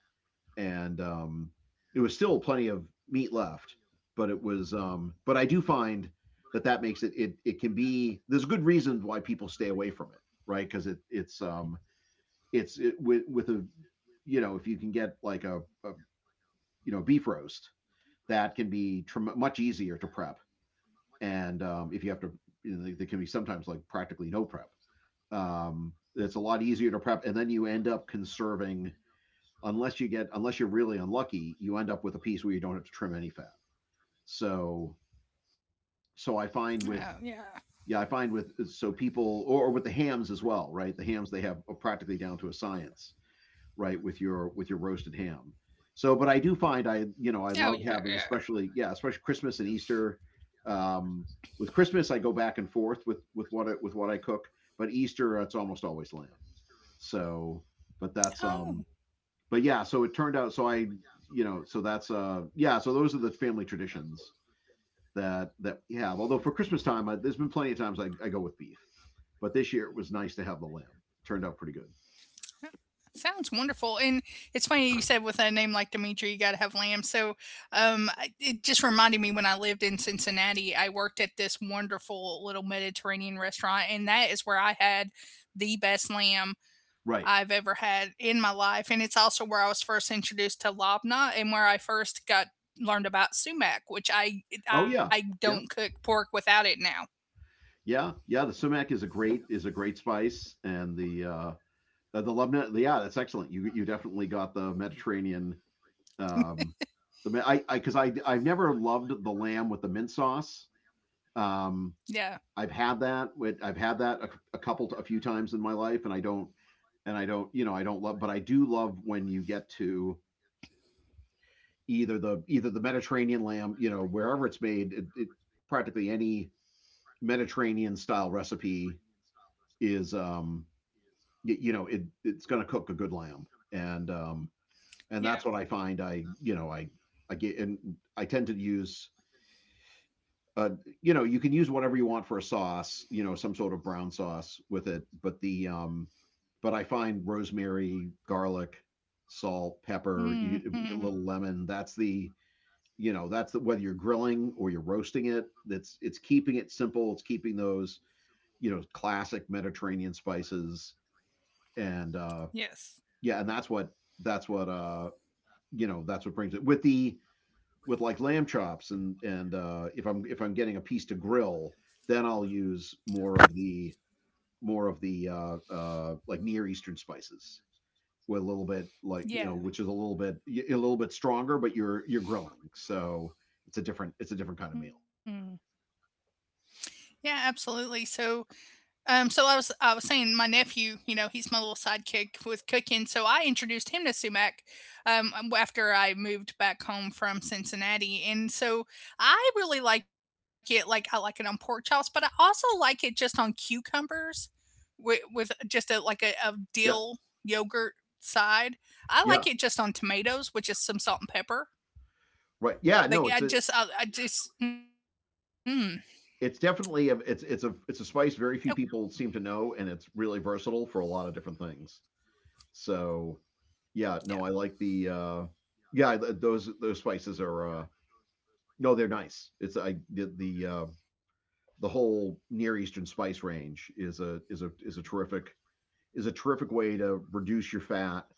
B: and it was still plenty of meat left. But it was, but I do find that that makes it, it can be— there's good reasons why people stay away from it, right? Because it's it's it, with a, if you can get like a, beef roast, that can be much easier to prep, and if you have to, there can be sometimes like practically no prep. It's a lot easier to prep, and then you end up conserving— unless you're really unlucky, you end up with a piece where you don't have to trim any fat. So
A: Oh
B: so
A: yeah.
B: I find with yeah, I find with so people, or with the hams as well, right? The hams, they have practically down to a science, right? With your roasted ham. So, but I do find,
A: Oh
B: I
A: yeah.
B: you know I
A: Yeah.
B: love having, especially, yeah, especially Christmas and Easter. Um, with Christmas I go back and forth with with what I cook, but Easter it's almost always lamb. So, but that's
A: Oh,
B: but yeah, so it turned out. So that's yeah. So those are the family traditions that we have. Although for Christmas time, there's been plenty of times I go with beef, but this year it was nice to have the lamb. It turned out pretty good.
A: sounds wonderful. And it's funny you said with a name like Dimitri, you got to have lamb. So I- it just reminded me when I lived in Cincinnati, I worked at this wonderful little Mediterranean restaurant, and that is where I had the best lamb
B: Right.
A: I've ever had in my life. And it's also where I was first introduced to labna and where I first got learned about sumac, which I
B: Oh
A: I
B: yeah.
A: don't
B: Yeah.
A: cook pork without it now.
B: Yeah. Yeah. The sumac is a great spice, and the Lebanon, yeah, that's excellent. You definitely got the Mediterranean. Um, the I because 'cause I I've never loved the lamb with the mint sauce. Um,
A: Yeah.
B: I've had that. I've had that a couple a few times in my life, and I don't— and I don't I don't love, but I do love when you get to either the Mediterranean lamb, wherever it's made, it practically any Mediterranean style recipe is you know it it's going to cook a good lamb, and and
A: Yeah.
B: that's what I find. I you know I get, and I tend to use. Uh, you can use whatever you want for a sauce. You know, some sort of brown sauce with it. But the but I find rosemary, garlic, salt, pepper, you, a
A: Hmm.
B: little lemon. That's the— that's the, whether you're grilling or you're roasting it. That's— it's keeping it simple. It's keeping those classic Mediterranean spices, and
A: Yes.
B: yeah, and that's what that's what that's what brings it, with the— with like lamb chops and and if I'm getting a piece to grill, then I'll use more of the more of the like Near Eastern spices, with a little bit like,
A: Yeah.
B: which is a little bit stronger, but you're grilling, so it's a different— it's a different kind of meal.
A: Hmm. Yeah, absolutely. So, I was saying my nephew, you know, he's my little sidekick with cooking. So I introduced him to sumac, after I moved back home from Cincinnati, and so I really like it. Like I like it on pork chops, but I also like it just on cucumbers with just a like a dill
B: Yeah,
A: yogurt side. I like it
B: yeah,
A: just on tomatoes with just some salt and pepper.
B: right. Yeah,
A: Like
B: no,
A: I
B: it's a—
A: just I, I just mm.
B: it's definitely a it's
A: Oh
B: a it's a spice very few people seem to know, and it's really versatile for a lot of different things. So,
A: yeah.
B: yeah, no, I like the yeah those spices are no, they're nice. It's— I the whole Near Eastern spice range is a is a terrific— is a terrific way to reduce your fat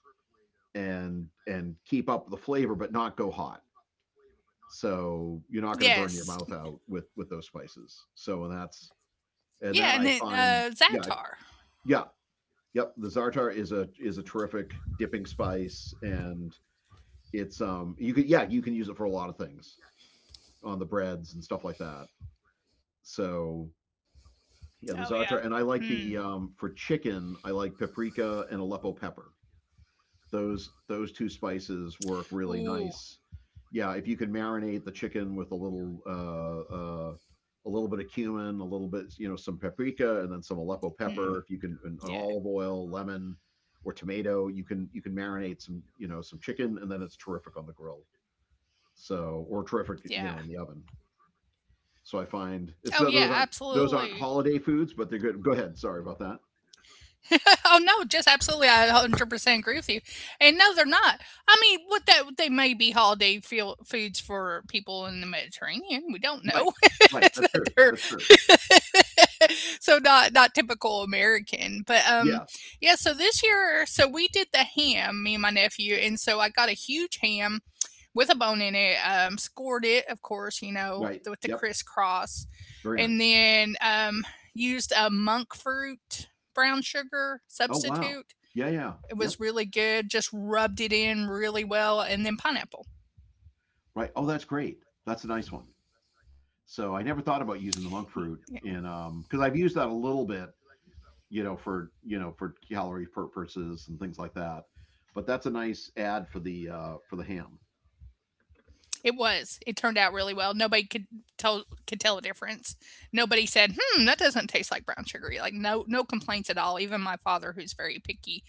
B: and keep up the flavor but not go hot. So you're not going to
A: Yes.
B: burn your mouth out with those spices. So and that's
A: Yeah, and
B: and
A: then
B: that I find
A: za'atar.
B: yeah. Yeah. Yep. The Zartar is a terrific dipping spice, and it's you could, yeah, you can use it for a lot of things on the breads and stuff like that. So
A: Oh yeah. Hmm.
B: yeah, the Zartar, and I like the for chicken I like paprika and Aleppo pepper. Those two spices
A: Ooh.
B: work really nice. Yeah, if you could marinate the chicken with uh, a little bit of cumin, a little bit, some paprika, and then some Aleppo
A: Hmm.
B: pepper. If you can,
A: Yeah.
B: an and olive oil, lemon, or tomato, you can marinate some, some chicken, and then it's terrific on the grill. So, or terrific,
A: Yeah.
B: in the oven. So I find it's—
A: Oh,
B: no,
A: yeah.
B: those aren't— those aren't
A: Absolutely.
B: holiday foods, but they're good. Go ahead. Sorry about that.
A: Oh no, just absolutely. I 100% agree with you. And no, they're not. I mean, what that they may be holiday feel, foods for people in the Mediterranean. We don't
B: Right,
A: know
B: right. That's
A: that
B: true.
A: they're
B: That's true.
A: so not not typical American. But
B: Yeah.
A: yeah. So this year, so we did the ham, me and my nephew, and so I got a huge ham with a bone in it. Scored it, of course, you know,
B: Right.
A: with the
B: Yep.
A: crisscross,
B: Very
A: and
B: nice.
A: then used a monk fruit brown sugar
B: Oh wow.
A: substitute.
B: Yeah, yeah.
A: It
B: Yep.
A: was really good. Just rubbed it in really well, and then pineapple.
B: Right. Oh, that's great. That's a nice one. So I never thought about using the monk
A: Yeah,
B: fruit in because I've used that a little bit, for for calorie purposes and things like that. But that's a nice ad for the ham.
A: it was. It turned out really well. Nobody could tell the difference. Nobody said, "Hmm, that doesn't taste like brown sugar." Like no no complaints at all. Even my father, who's very picky,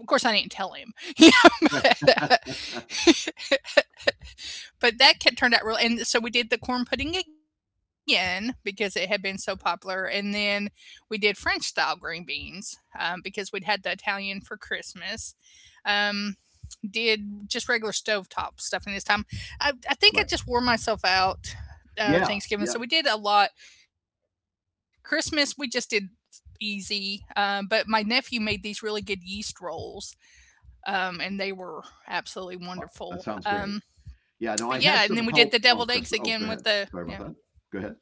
A: of course I didn't tell him. You know,
B: Right.
A: but, but that kept, turned out real. And so we did the corn pudding again because it had been so popular, and then we did French style green beans, because we'd had the Italian for Christmas. Um, did just regular stovetop stuff in this time. I think I
B: Right.
A: just wore myself out,
B: Yeah.
A: Thanksgiving,
B: Yeah.
A: so we did a lot. Christmas we just did easy, but my nephew made these really good yeast rolls, and they were absolutely wonderful.
B: Wow, that sounds great.
A: But
B: Yeah. No,
A: yeah,
B: I
A: and then
B: had
A: we
B: some
A: did the
B: help
A: deviled
B: on
A: eggs
B: Christmas. Oh,
A: again
B: go
A: with
B: ahead.
A: the
B: Sorry
A: yeah.
B: about that. Go ahead.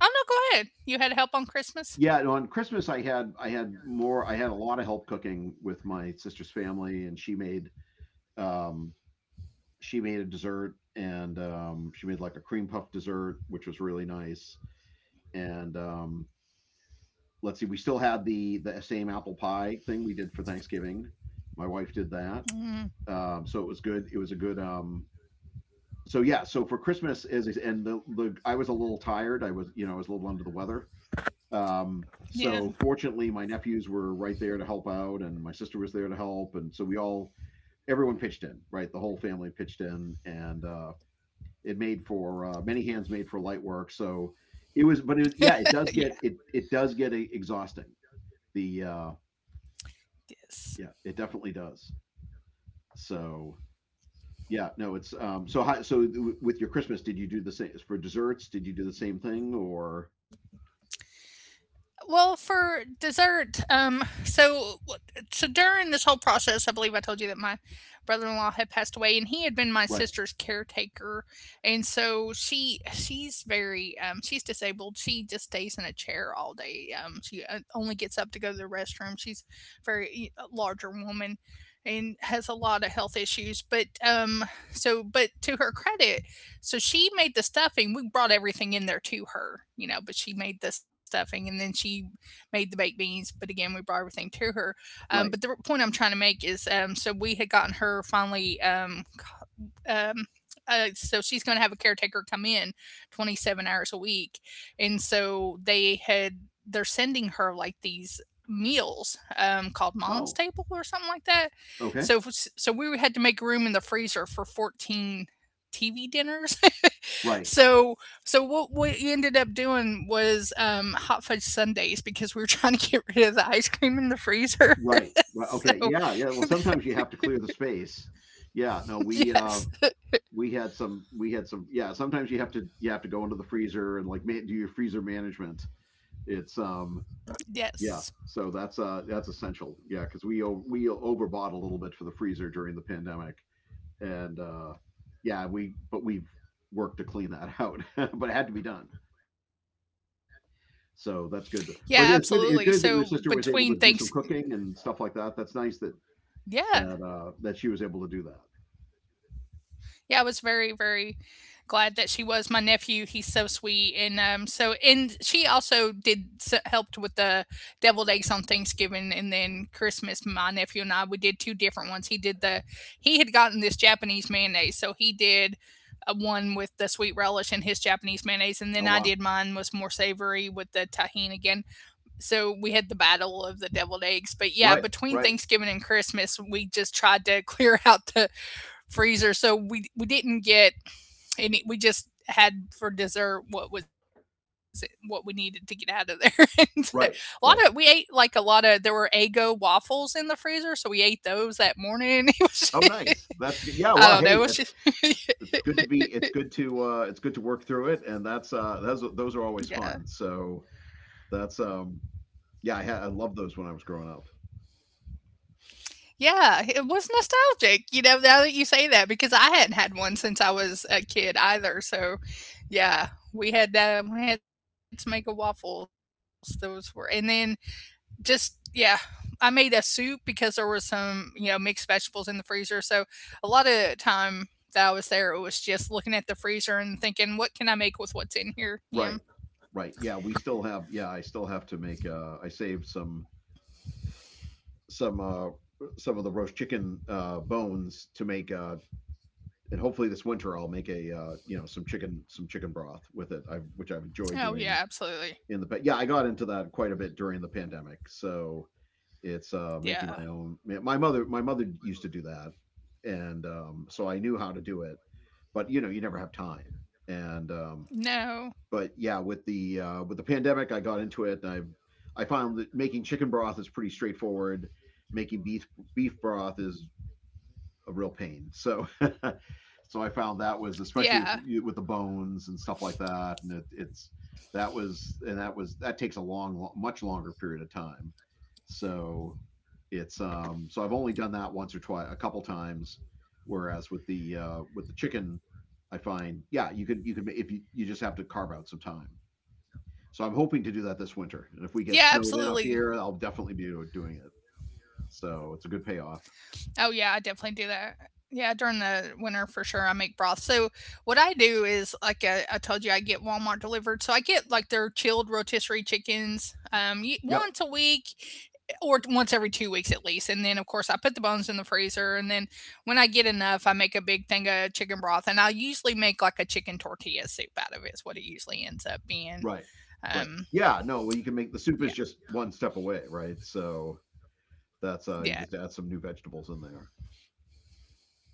A: Oh no, go ahead. You had help on Christmas?
B: Yeah. No, on Christmas, I had more. I had a lot of help cooking with my sister's family, and she made. Um, she made a dessert, and she made like a cream puff dessert, which was really nice. And let's see, we still had the same apple pie thing we did for Thanksgiving. My wife did that,
A: Mm,
B: so it was good. It was a good. So yeah, so for Christmas is and the— I was a little tired. I was, I was a little under the weather. So
A: yeah,
B: fortunately, my nephews were right there to help out, and my sister was there to help, and so we all— everyone pitched in, right? The whole family pitched in, and it made for, many hands made for light work. So it was, but it, yeah, it does get— it
A: yeah,
B: it does get exhausting. The yeah,
A: yes.
B: it definitely does. So yeah, no, it's so how, so with your Christmas, did you do the same for desserts? Did you do the same thing or
A: Well, for dessert, so so during this whole process, I believe I told you that my brother-in-law had passed away, and he had been my sister's
B: right,
A: caretaker, and so she's very, she's disabled. She just stays in a chair all day. She only gets up to go to the restroom. She's a very a larger woman, and has a lot of health issues. But so but to her credit, so she made the stuffing. We brought everything in there to her, you know, but she made the stuffing, and then she made the baked beans. But again, we brought everything to her. But the
B: right?
A: point I'm trying to make is, so we had gotten her finally, um, so she's going to have a caretaker come in 27 hours a week, and so they had they're sending her like these meals, called mom's
B: Oh,
A: table or something like that.
B: okay,
A: So so we had to make room in the freezer for 14 tv dinners.
B: right,
A: So so what we ended up doing was, hot fudge sundays because we were trying to get rid of the ice cream in the freezer.
B: right, right.
A: So
B: Okay, yeah, yeah. Well, sometimes you have to clear the space. Yeah, no,
A: yes,
B: we had some— we had some yeah, sometimes you have to, you have to go into the freezer and like do your freezer management. It's yeah,
A: yes.
B: so that's essential, yeah, because we— we overbought a little bit for the freezer during the pandemic, and yeah we, but we've worked to clean that out but it had to be done, so that's good. But
A: Yeah,
B: yeah, it's good— it's
A: absolutely.
B: good that your
A: So
B: sister was able to
A: between
B: do some
A: thanks,
B: cooking and stuff like that. That's nice that
A: yeah,
B: that that she was able to do that.
A: yeah, I was very, very glad that she was. My nephew, he's so sweet, and so and she also did s- helped with the deviled eggs on Thanksgiving, and then Christmas. My nephew and I we did two different ones. He did the he had gotten this Japanese mayonnaise, so he did a one with the sweet relish and his Japanese mayonnaise, and then
B: Oh
A: I
B: wow,
A: did, mine was more savory with the tahini again. So we had the battle of the deviled eggs. But yeah,
B: right,
A: between
B: right,
A: thanksgiving and christmas we just tried to clear out the freezer, so we didn't get any, we just had for dessert what was it what we needed to get out of there. And a
B: right,
A: lot
B: right.
A: of we ate, like a lot of, there were ego waffles in the freezer, so we ate those that morning. It
B: Oh
A: was
B: nice, that's good. Yeah, well,
A: I
B: hey,
A: don't know, it was just
B: it's good to be— it's good to it's good to work through it, and that's that's— those are always fun. So
A: yeah.
B: that's yeah, I had, I loved those when I was growing up.
A: Yeah, it was nostalgic, you know, now that you say that, because I hadn't had one since I was a kid either, so, yeah, we had that, and we had Jamaica waffles, those were, and then just yeah, I made a soup because there was some, you know, mixed vegetables in the freezer, so a lot of time that I was there, it was just looking at the freezer and thinking, "What can I make with what's in here?"
B: Right,
A: Yeah.
B: right, yeah, we still have, yeah, I still have to make, I saved some some some of the roast chicken, bones to make, and hopefully this winter I'll make a, you know, some chicken, some chicken broth with it, I which I've enjoyed doing
A: Oh, yeah,
B: in the past. Yeah,
A: absolutely.
B: I got into that quite a bit during the pandemic. So it's making my own.
A: Yeah.
B: My mother used to do that, and so I knew how to do it. But you know, you never have time. And but yeah,
A: No.
B: with the pandemic, I got into it, and I've— I found that making chicken broth is pretty straightforward. Making beef broth is a real pain. So, so I found that was especially
A: Yeah.
B: with the bones and stuff like that, and it's— that was— and that was— that takes a long, much longer period of time. So it's so I've only done that once or twice, a couple times. Whereas with the chicken, I find, yeah, you could, you could if you just have to carve out some time. So I'm hoping to do that this winter,
A: Yeah,
B: and if we get
A: absolutely.
B: snowed in up here, I'll definitely be doing it. So it's a good payoff.
A: Oh yeah, I definitely do that. Yeah, during the winter for sure, I make broth. So what I do is, like I told you, I get Walmart delivered. So I get like their chilled rotisserie chickens, y-
B: Yep.
A: once a week, eh, or once every 2 weeks at least. And then of course I put the bones in the freezer. And then when I get enough, I make a big thing of chicken broth. And I usually make like a chicken tortilla soup out of it. Is what it usually ends up being.
B: Right. Right.
A: Um,
B: Yeah. No. Well, you can make the soup,
A: yeah,
B: is just one step away, right? So that's you
A: yeah,
B: just add some new vegetables in there.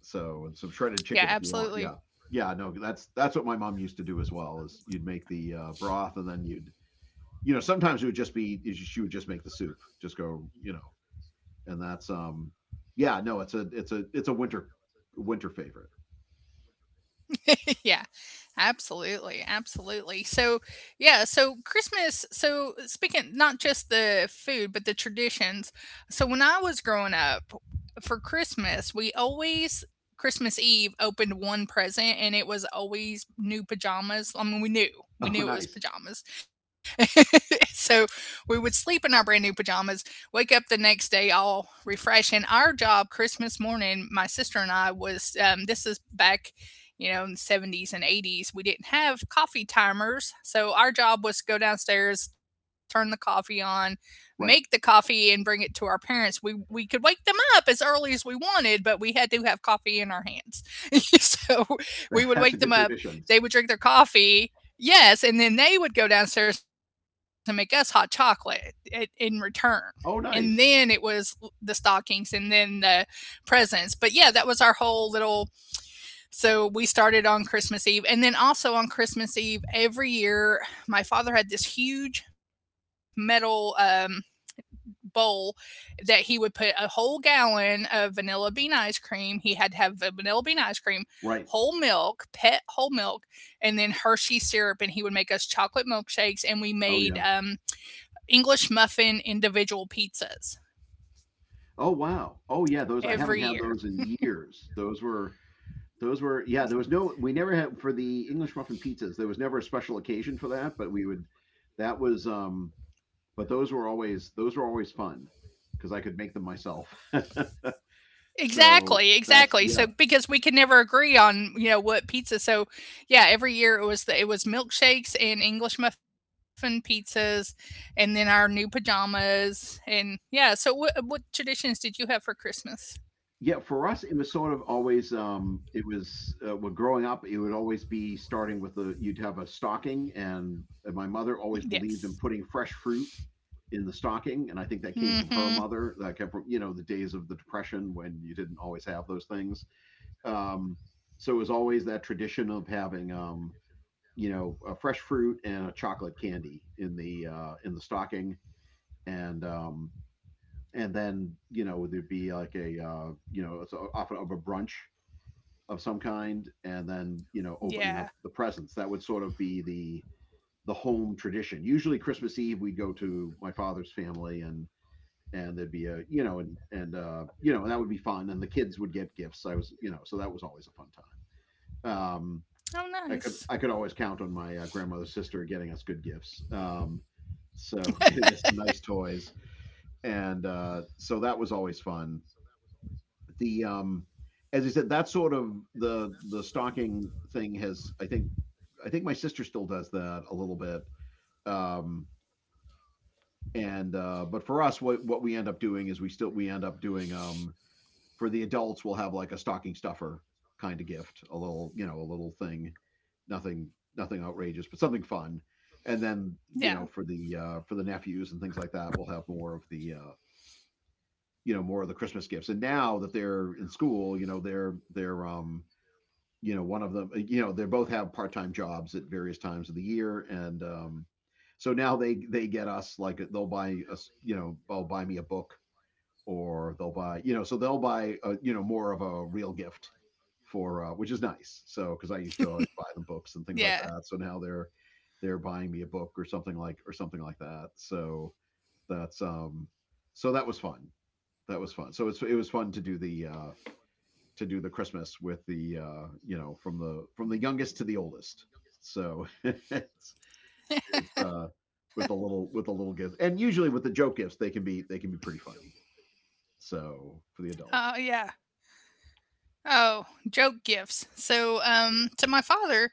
B: So and some shredded
A: yeah,
B: chicken if you want.
A: absolutely.
B: Yeah. Yeah. No. That's what my mom used to do as well. Is You'd make the broth, and then you'd sometimes it would just be, is she would just make the soup, just go you know, and that's yeah, no, it's a winter winter favorite.
A: yeah, absolutely, absolutely. So, yeah, so Christmas. So speaking not just the food, but the traditions. So when I was growing up, for Christmas, we always Christmas Eve opened one present, and it was always new pajamas.
B: Oh
A: We
B: nice.
A: knew it was pajamas, so we would sleep in our brand new pajamas, wake up the next day all refreshed. And our job Christmas morning, my sister and I was, this is back you know, in the 70s and 80s, we didn't have coffee timers. So our job was to go downstairs, turn the coffee on, make the
B: Right.
A: coffee and bring it to our parents. We could wake them up as early as we wanted, but we had to have coffee in our hands. So we would
B: That's a
A: wake them
B: good
A: up,
B: tradition.
A: they would drink their coffee. Yes, and then they would go downstairs and make us hot chocolate in return. And then
B: Oh
A: it was
B: nice.
A: the stockings and then the presents. But yeah, that was our whole little, so we started on Christmas Eve. And then also on Christmas Eve, every year, my father had this huge metal, bowl that he would put a whole gallon of vanilla bean ice cream. He had to have a vanilla bean ice cream, whole milk,
B: Right.
A: pet whole milk, and then Hershey syrup. And he would make us chocolate milkshakes. And we made,
B: Oh yeah.
A: English muffin individual pizzas
B: Oh wow. Oh
A: every
B: yeah, those
A: year.
B: I haven't had those in years. Those were yeah, there was no, we never had, for the English muffin pizzas, there was never a special occasion for that, but we would that was but those were always, those were always fun because I could make them myself. So
A: Exactly,
B: that's
A: exactly.
B: yeah.
A: So because we could never agree on, you know, what pizza. So yeah, every year it was the, it was milkshakes and English muffin pizzas and then our new pajamas. And yeah, so what traditions did you have for Christmas?
B: Yeah, for us it was sort of always, it was well, growing up it would always be starting with, a you'd have a stocking, and my mother always believed in putting
A: Yes.
B: fresh fruit in the stocking. And I think that came from her mother,
A: Mhm.
B: that came from, you know, the days of the Depression, when you didn't always have those things. um, so as always, that tradition of having, you know, a fresh fruit and a chocolate candy in the stocking. and um, and then, you know, there'd be like a, you know, it's often of a brunch of some kind, and then, you know, opening up the
A: Yeah.
B: presents. That would sort of be the home tradition. Usually Christmas Eve we'd go to my father's family, and there'd be a, you know, and you know, and that would be fun, and the kids would get gifts. I was you know So that was always a fun time. um,
A: Oh
B: I could, i
A: nice.
B: could always count on my grandmother's sister getting us good gifts. So getting us some nice toys. And So that was always fun. The As I said, that sort of the stocking thing has, I think, I think my sister still does that a little bit. Um, and But for us, what we end up doing is, we still, we end up doing, for the adults, we'll have like a stocking stuffer kind of gift, a little, you know, a little thing, nothing, nothing outrageous, but something fun. And then, you know,
A: Yeah.
B: for the nephews and things like that, we'll have more of the, you know, more of the Christmas gifts. And now that they're in school, you know, they're you know, one of them, you know, they both have part time jobs at various times of the year, and so now they get us, like, they'll buy us, you know, they'll buy me a book, or they'll buy, you know, so they'll buy, you know, more of a real gift, for, which is nice. So because I used to always buy them books
A: Yeah.
B: and things like that, so now they're buying me a book or something like, or something like that. So that's um so that was fun. That was fun. So it's, it was fun to do the Christmas with the, you know, from the, from the youngest to the oldest. So it's with a little, with a little gift, and usually with the joke gifts, they can be, they can be pretty funny. So for the
A: Oh
B: adults.
A: yeah. Oh, joke gifts. So um, to my father,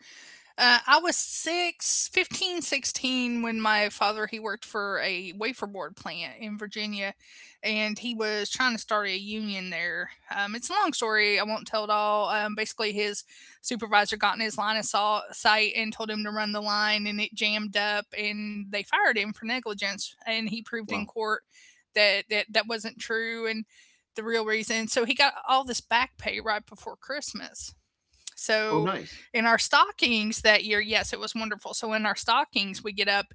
A: uh, I was six, 15, 16 when my father, he worked for a wafer board plant in Virginia and he was trying to start a union there. It's a long story. I won't tell it all. Basically, his supervisor got in his line of saw, sight and told him to run the line and it jammed up and they fired him for negligence. And he proved in
B: Wow.
A: court that wasn't true. And the real reason. So he got all this back pay right before Christmas.
B: Oh,
A: So
B: nice.
A: in our stockings that year, yes, it was wonderful. So in our stockings, we get up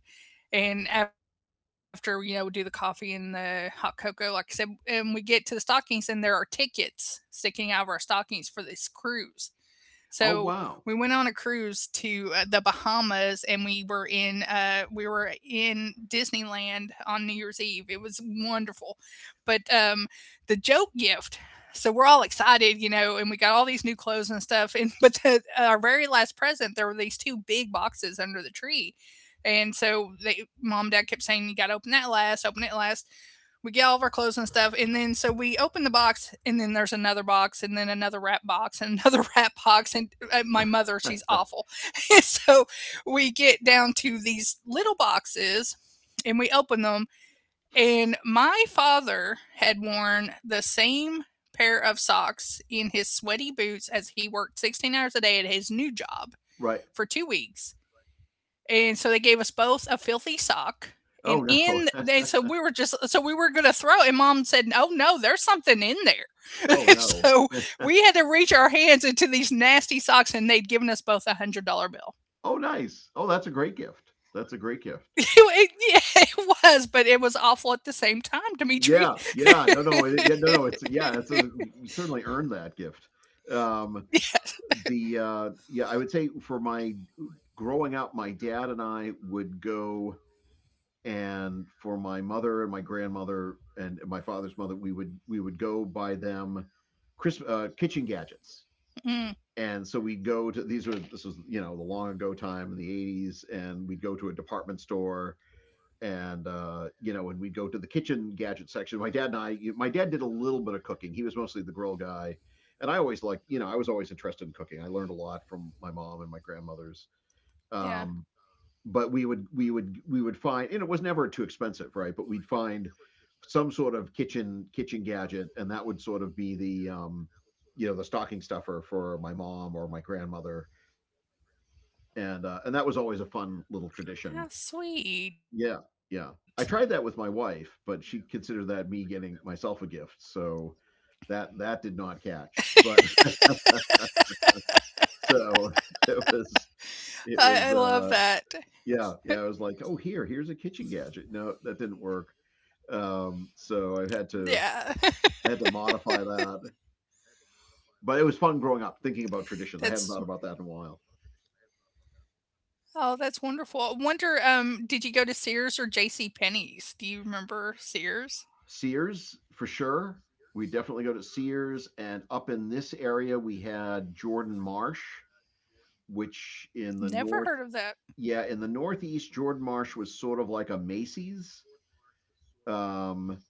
A: and after we do the coffee and the hot cocoa, like I said, and we get to the stockings and there are tickets sticking out of our stockings for this cruise. So
B: Oh,
A: we went on a
B: wow.
A: cruise to the Bahamas, and we were in Disneyland on New Year's Eve. It was wonderful, but the joke gift. So we're all excited, and we got all these new clothes and stuff. And But our very last present, there were these two big boxes under the tree, and so mom and dad kept saying, "You got to open it last." We get all of our clothes and stuff, and then so we open the box, and then there's another box, and then another wrap box, and another wrap box, and my mother, she's awful. And so we get down to these little boxes and we open them, and my father had worn the same pair of socks in his sweaty boots as he worked 16 hours a day at his new job
B: Right.
A: for 2 weeks. And so they gave us both a filthy sock. And
B: Oh, no.
A: in they, so we were just so we were gonna throw it, and mom said, "Oh no, there's something in there."
B: Oh, no.
A: So we had to reach our hands into these nasty socks, and they'd given us both $100 bill.
B: Oh, nice. Oh, that's a great gift. That's a great gift.
A: It was, but it was awful at the same time,
B: Yeah.
A: Dimitri.
B: Yeah. No, no. It, yeah. No, no. It's, yeah, it's a, you certainly earned that gift. Um,
A: Yes.
B: yeah, I would say for my growing up, my dad and I would go, and for my mother and my grandmother and my father's mother, we would go buy them Christmas, kitchen gadgets. And so we'd go
A: Mm,
B: to, these were this was, you know, the long ago time in the 80s, and we'd go to a department store. And You know, and we'd go to the kitchen gadget section, my dad and I. My dad did a little bit of cooking, he was mostly the grill guy, and I always liked, you know, I was always interested in cooking. I learned a lot from my mom and my grandmothers. um, but we
A: yeah.
B: would, we would find, and it was never too expensive, right, but we'd find some sort of kitchen kitchen gadget, and that would sort of be the, you know, the stocking stuffer for my mom or my grandmother. And that was always a fun little tradition.
A: How
B: Yeah.
A: sweet.
B: Yeah, I tried that with my wife, but she considered that me getting myself a gift, so that, that did not catch, but so it was it was
A: I love
B: uh
A: that.
B: yeah. Yeah, I was like, oh, here, here's a kitchen gadget. No, that didn't work. So I had to,
A: Yeah.
B: I had to modify that. But it was fun growing up thinking about traditions. I hadn't thought about that
A: That's
B: in a while.
A: Oh, that's wonderful. I wonder, did you go to Sears or J.C. Penney's? Do you remember Sears?
B: Sears for sure. We definitely go to Sears, and up in this area we had Jordan Marsh, which in the north,
A: Never heard of
B: yeah, in the
A: that.
B: northeast, Jordan Marsh was sort of like a Macy's. Um,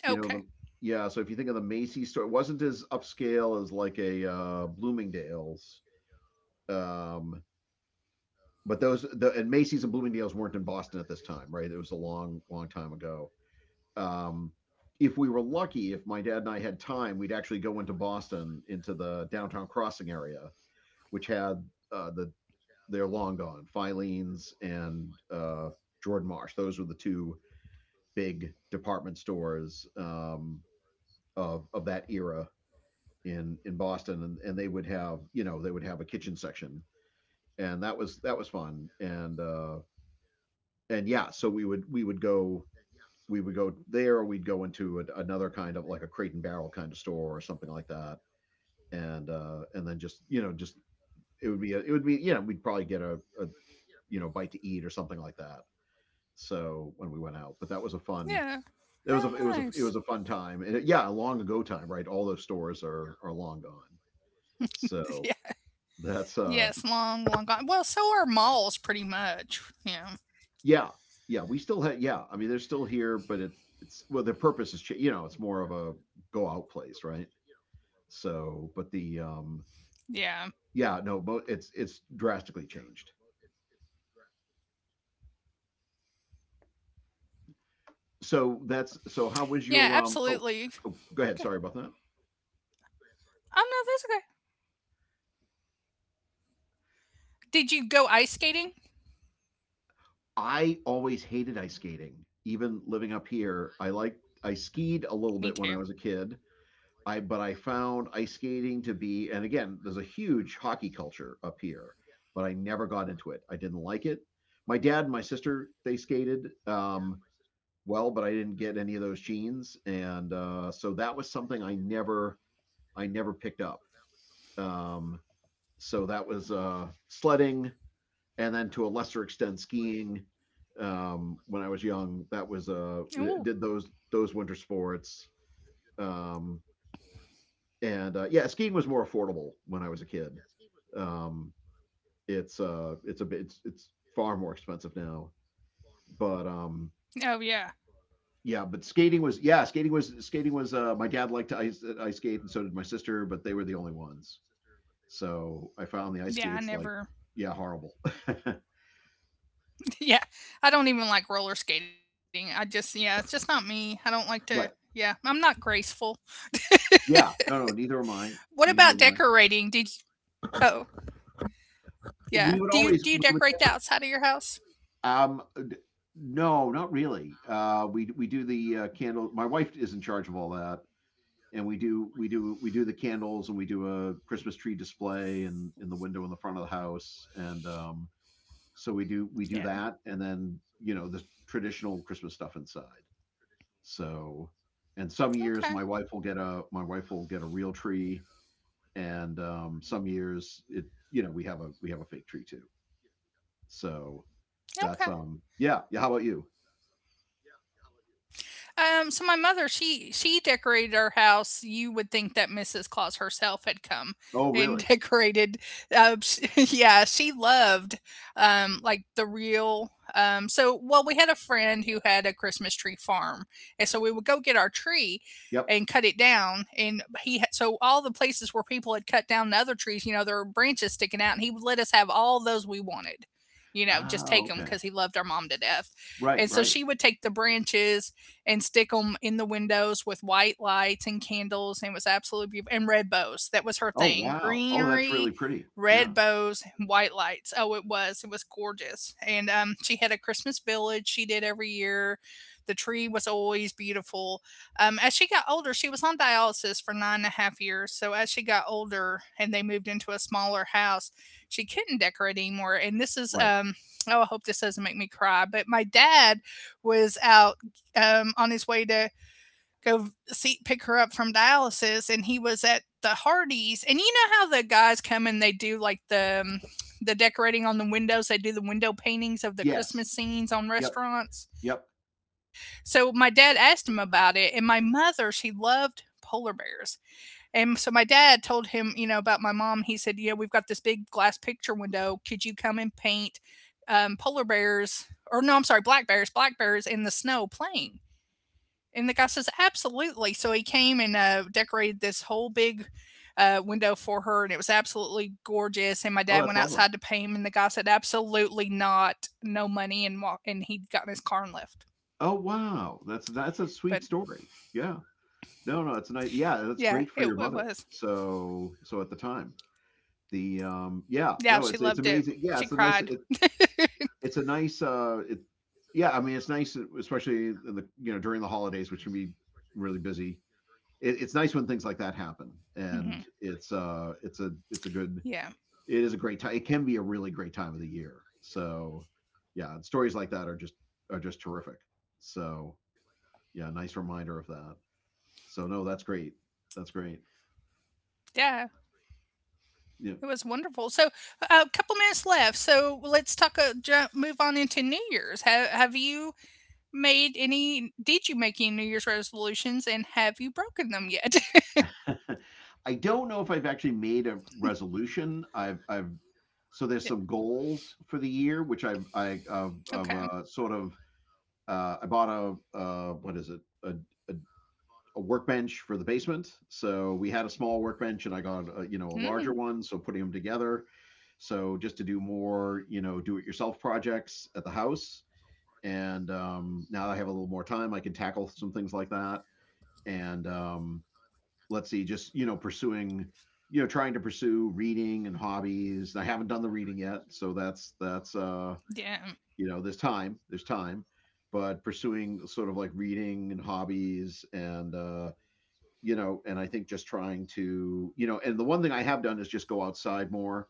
B: if you know the, yeah, so if you think of the Macy's store, it wasn't as upscale as like a Bloomingdale's. Um, But those, the, and Macy's and Bloomingdale's weren't in Boston at this time, right? It was a long, long time ago. Um, if we were lucky, if my dad and I had time, we'd actually go into Boston, into the downtown crossing area, which had, uh, they're long gone Filene's, and Jordan Marsh. Those were the two big department stores, of that era in Boston, and they would have, you know, they would have a kitchen section, and that was, that was fun, and and yeah, so we would, we would go there. We'd go into a, another kind of like a Crate and Barrel kind of store or something like that, and and then just, you know, just it would be a, it would be, you know, we'd probably get a, you know, bite to eat or something like that. So when we went out. But that was a
A: Yeah.
B: fun,
A: How
B: it was a, it was
A: nice.
B: a it was a fun time, and it, yeah, a long ago time, right, all those stores are long gone. so
A: Yeah.
B: that's uh
A: Yes, long, long gone. Well, so are malls pretty much. Yeah.
B: Yeah. Yeah, we still had, yeah, I mean, they're still here, but it's, well, their purpose is cha-, you know, it's more of a go out place, right. So, but the
A: Yeah.
B: yeah, no, but it's drastically changed. So that's so. How was
A: Yeah,
B: your um? Oh,
A: absolutely.
B: oh, go
A: Okay.
B: ahead. Sorry about that.
A: Oh, no, that's okay. Did you go ice skating?
B: I always hated ice skating, even living up here. I
A: Me
B: liked,
A: too.
B: I skied a little bit when I was a kid. I, but I found ice skating to be, and again, there's a huge hockey culture up here, but I never got into it. I didn't like it. My dad and my sister, they skated. Well, but I didn't get any of those genes, and so that was something I never, I never picked up. Um, so that was, sledding, and then to a lesser extent skiing. When I was young, that was,
A: Oh,
B: did those winter sports. Um, and yeah, skiing was more affordable when I was a kid. Um, it's, a it's it's far more expensive now, but
A: oh yeah.
B: yeah, but skating was, yeah, skating was, skating was, my dad liked to ice skate, and so did my sister, but they were the only ones. So I found the ice
A: Yeah, I
B: skates, like,
A: never.
B: yeah, horrible.
A: Yeah. I don't even like roller skating. Yeah, it's just not me. I don't like to.
B: Right.
A: Yeah, I'm not graceful.
B: Yeah. No, no, neither am I.
A: What
B: Neither
A: about
B: am I.
A: decorating? Did oh,
B: We would
A: yeah. Do
B: always, we
A: you
B: would never
A: decorate the outside of your house?
B: um d- no, not really. Uh, we do the candle, my wife is in charge of all that, and we do the candles, and we do a Christmas tree display in the window in the front of the house, and so we do
A: Yeah.
B: that, and then, you know, the traditional Christmas stuff inside. So, and some years
A: Okay.
B: my wife will get a real tree, and some years it you know we have a fake tree too. So that's
A: Okay.
B: yeah yeah. How about you?
A: So my mother, she decorated our house. You would think that Mrs. Claus herself had come
B: Oh
A: and
B: really?
A: decorated. Uh, yeah, she loved like the real. So well, we had a friend who had a Christmas tree farm, and so we would go get our tree
B: Yep.
A: and cut it down. And he had, so all the places where people had cut down the other trees, you know, there were branches sticking out, and he would let us have all those we wanted. You know, just
B: Ah,
A: take them
B: okay.
A: because he loved our mom to death.
B: Right
A: And so
B: right.
A: she would take the branches and stick them in the windows with white lights and candles. And it was absolutely beautiful. And red bows. That was her
B: Oh
A: thing.
B: wow. Oh, that's
A: Greenery,
B: really pretty. Yeah.
A: red bows, and white lights. Oh, it was. It was gorgeous. And she had a Christmas village she did every year. The tree was always beautiful. As she got older, she was on dialysis for nine and a half years. So as she got older and they moved into a smaller house, she couldn't decorate anymore. And this is,
B: Right.
A: oh, I hope this doesn't make me cry, but my dad was out on his way to go see pick her up from dialysis, and he was at the Hardee's. And you know how the guys come and they do like the decorating on the windows. They do the window paintings
B: Yes.
A: of the Christmas
B: Yep.
A: scenes on
B: Yep.
A: restaurants. So my dad asked him about it, and my mother, she loved polar bears. And so my dad told him, you know, about my mom. He said, "Yeah, we've got this big glass picture window. Could you come and paint polar bears?" Or no, I'm sorry, black bears in the snow playing. And the guy says, absolutely. So he came and decorated this whole big window for her, and it was absolutely gorgeous. And my
B: Oh,
A: dad
B: that's
A: went
B: lovely.
A: outside to pay him, and the guy said, absolutely not, no money, and he got in his car and left.
B: Oh wow. That's a
A: But
B: sweet story. Yeah. No, it's nice. Yeah, that's
A: yeah,
B: great for
A: it,
B: your
A: it
B: mother.
A: was.
B: So, so at the time. The yeah
A: Yeah,
B: No,
A: she
B: it's
A: loved it.
B: amazing, yeah,
A: She
B: it's a nice
A: cried.
B: it, it's a nice uh it yeah, I mean, it's nice, especially in the, during the holidays, which can be really busy. It's nice when things like that happen,
A: Hmm.
B: and it's a good,
A: Yeah,
B: it is a great time. It can be a really great time of the year. So yeah, stories like that are just terrific. So yeah, nice reminder of that. So no, that's great
A: yeah, it was
B: yeah
A: wonderful. So a couple minutes left. So let's talk. Move on into New Year's. Have you made any? Did you make any New Year's resolutions, and have you broken them yet?
B: I don't know if I've actually made a resolution. I've so there's some
A: Yeah,
B: goals for the year, which I've I of sort of
A: okay.
B: I bought a what is it a a workbench for the basement. So we had a small workbench, and I got a, a larger
A: Mm,
B: one. So putting them together, so just to do more, do it yourself projects at the house. And now that I have a little more time, I can tackle some things like that. And let's see, just pursuing, trying to pursue reading and hobbies. I haven't done the reading yet, so that's
A: yeah.
B: there's time, but pursuing sort of like reading and hobbies. And I think just trying to, and the one thing I have done is just go outside more.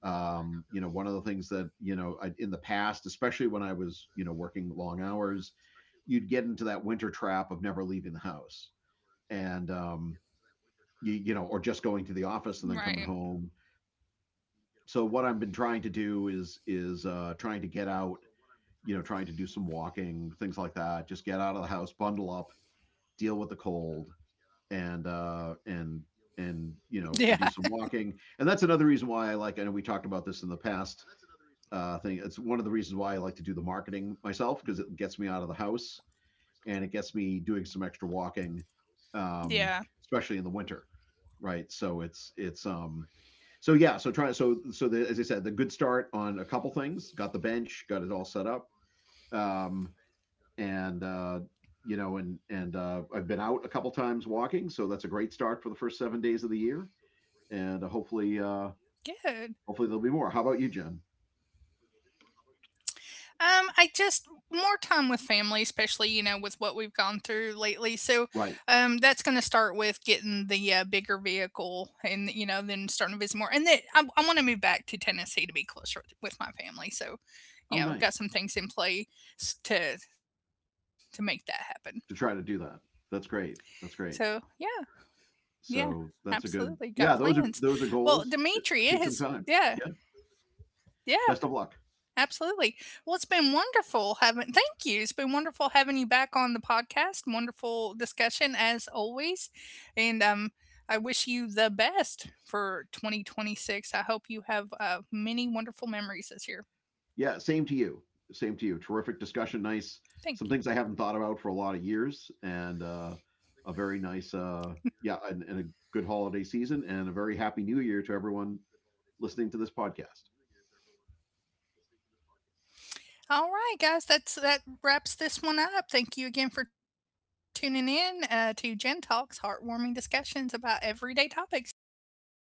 B: One of the things that I, in the past, especially when I was working long hours, you'd get into that winter trap of never leaving the house, and or just
A: Right.
B: going to the office and then coming home. So what I've been trying to do is trying to get out, trying to do some walking, things like that. Just get out of the house, bundle up, deal with the cold, and uh, and and
A: Yeah.
B: you know, and do some walking. And that's another reason why I like. I know we talked about this in the past thing. It's one of the reasons why I like to do the marketing myself, because it gets me out of the house and it gets me doing some extra walking,
A: Yeah.
B: um, especially in the winter, right? So it's so yeah, so trying so so the, as I said, the good start on a couple things. Got the bench, got it all set up, um, and I've been out a couple times walking, so that's a great start for the first 7 days of the year, and hopefully
A: Good.
B: hopefully there'll be more. How about you, Jen?
A: I just more time with family, especially you know with what we've gone through lately.
B: Right?
A: So, that's going to start with getting the bigger vehicle, and you know then starting to visit more. And then I want to move back to Tennessee to be closer with my family.
B: Oh,
A: So,
B: nice
A: you know, got some things in play to make that happen.
B: to try to do that. That's great. That's
A: So
B: great.
A: yeah, yeah,
B: So that's a
A: absolutely.
B: good.
A: Got
B: Yeah,
A: plans.
B: those are
A: Well,
B: goals. It,
A: Dimitri, it
B: it
A: has,
B: takes some time.
A: yeah,
B: Yeah.
A: yeah,
B: Best of luck.
A: absolutely. Well, it's been wonderful having, thank you. It's been wonderful having you back on the podcast. Wonderful discussion as always. And, I wish you the best for 2026. I hope you have many wonderful memories this year.
B: Yeah, same to you. Same to you. Terrific discussion. Nice. Some things I
A: Thank
B: haven't
A: you.
B: thought about for a lot of years, and a very nice. Yeah, and a good holiday season, and a very happy New Year to everyone listening to this podcast.
A: All right, guys, that wraps this one up. Thank you again for tuning in to Gen Talks, heartwarming discussions about everyday topics. Happy New Year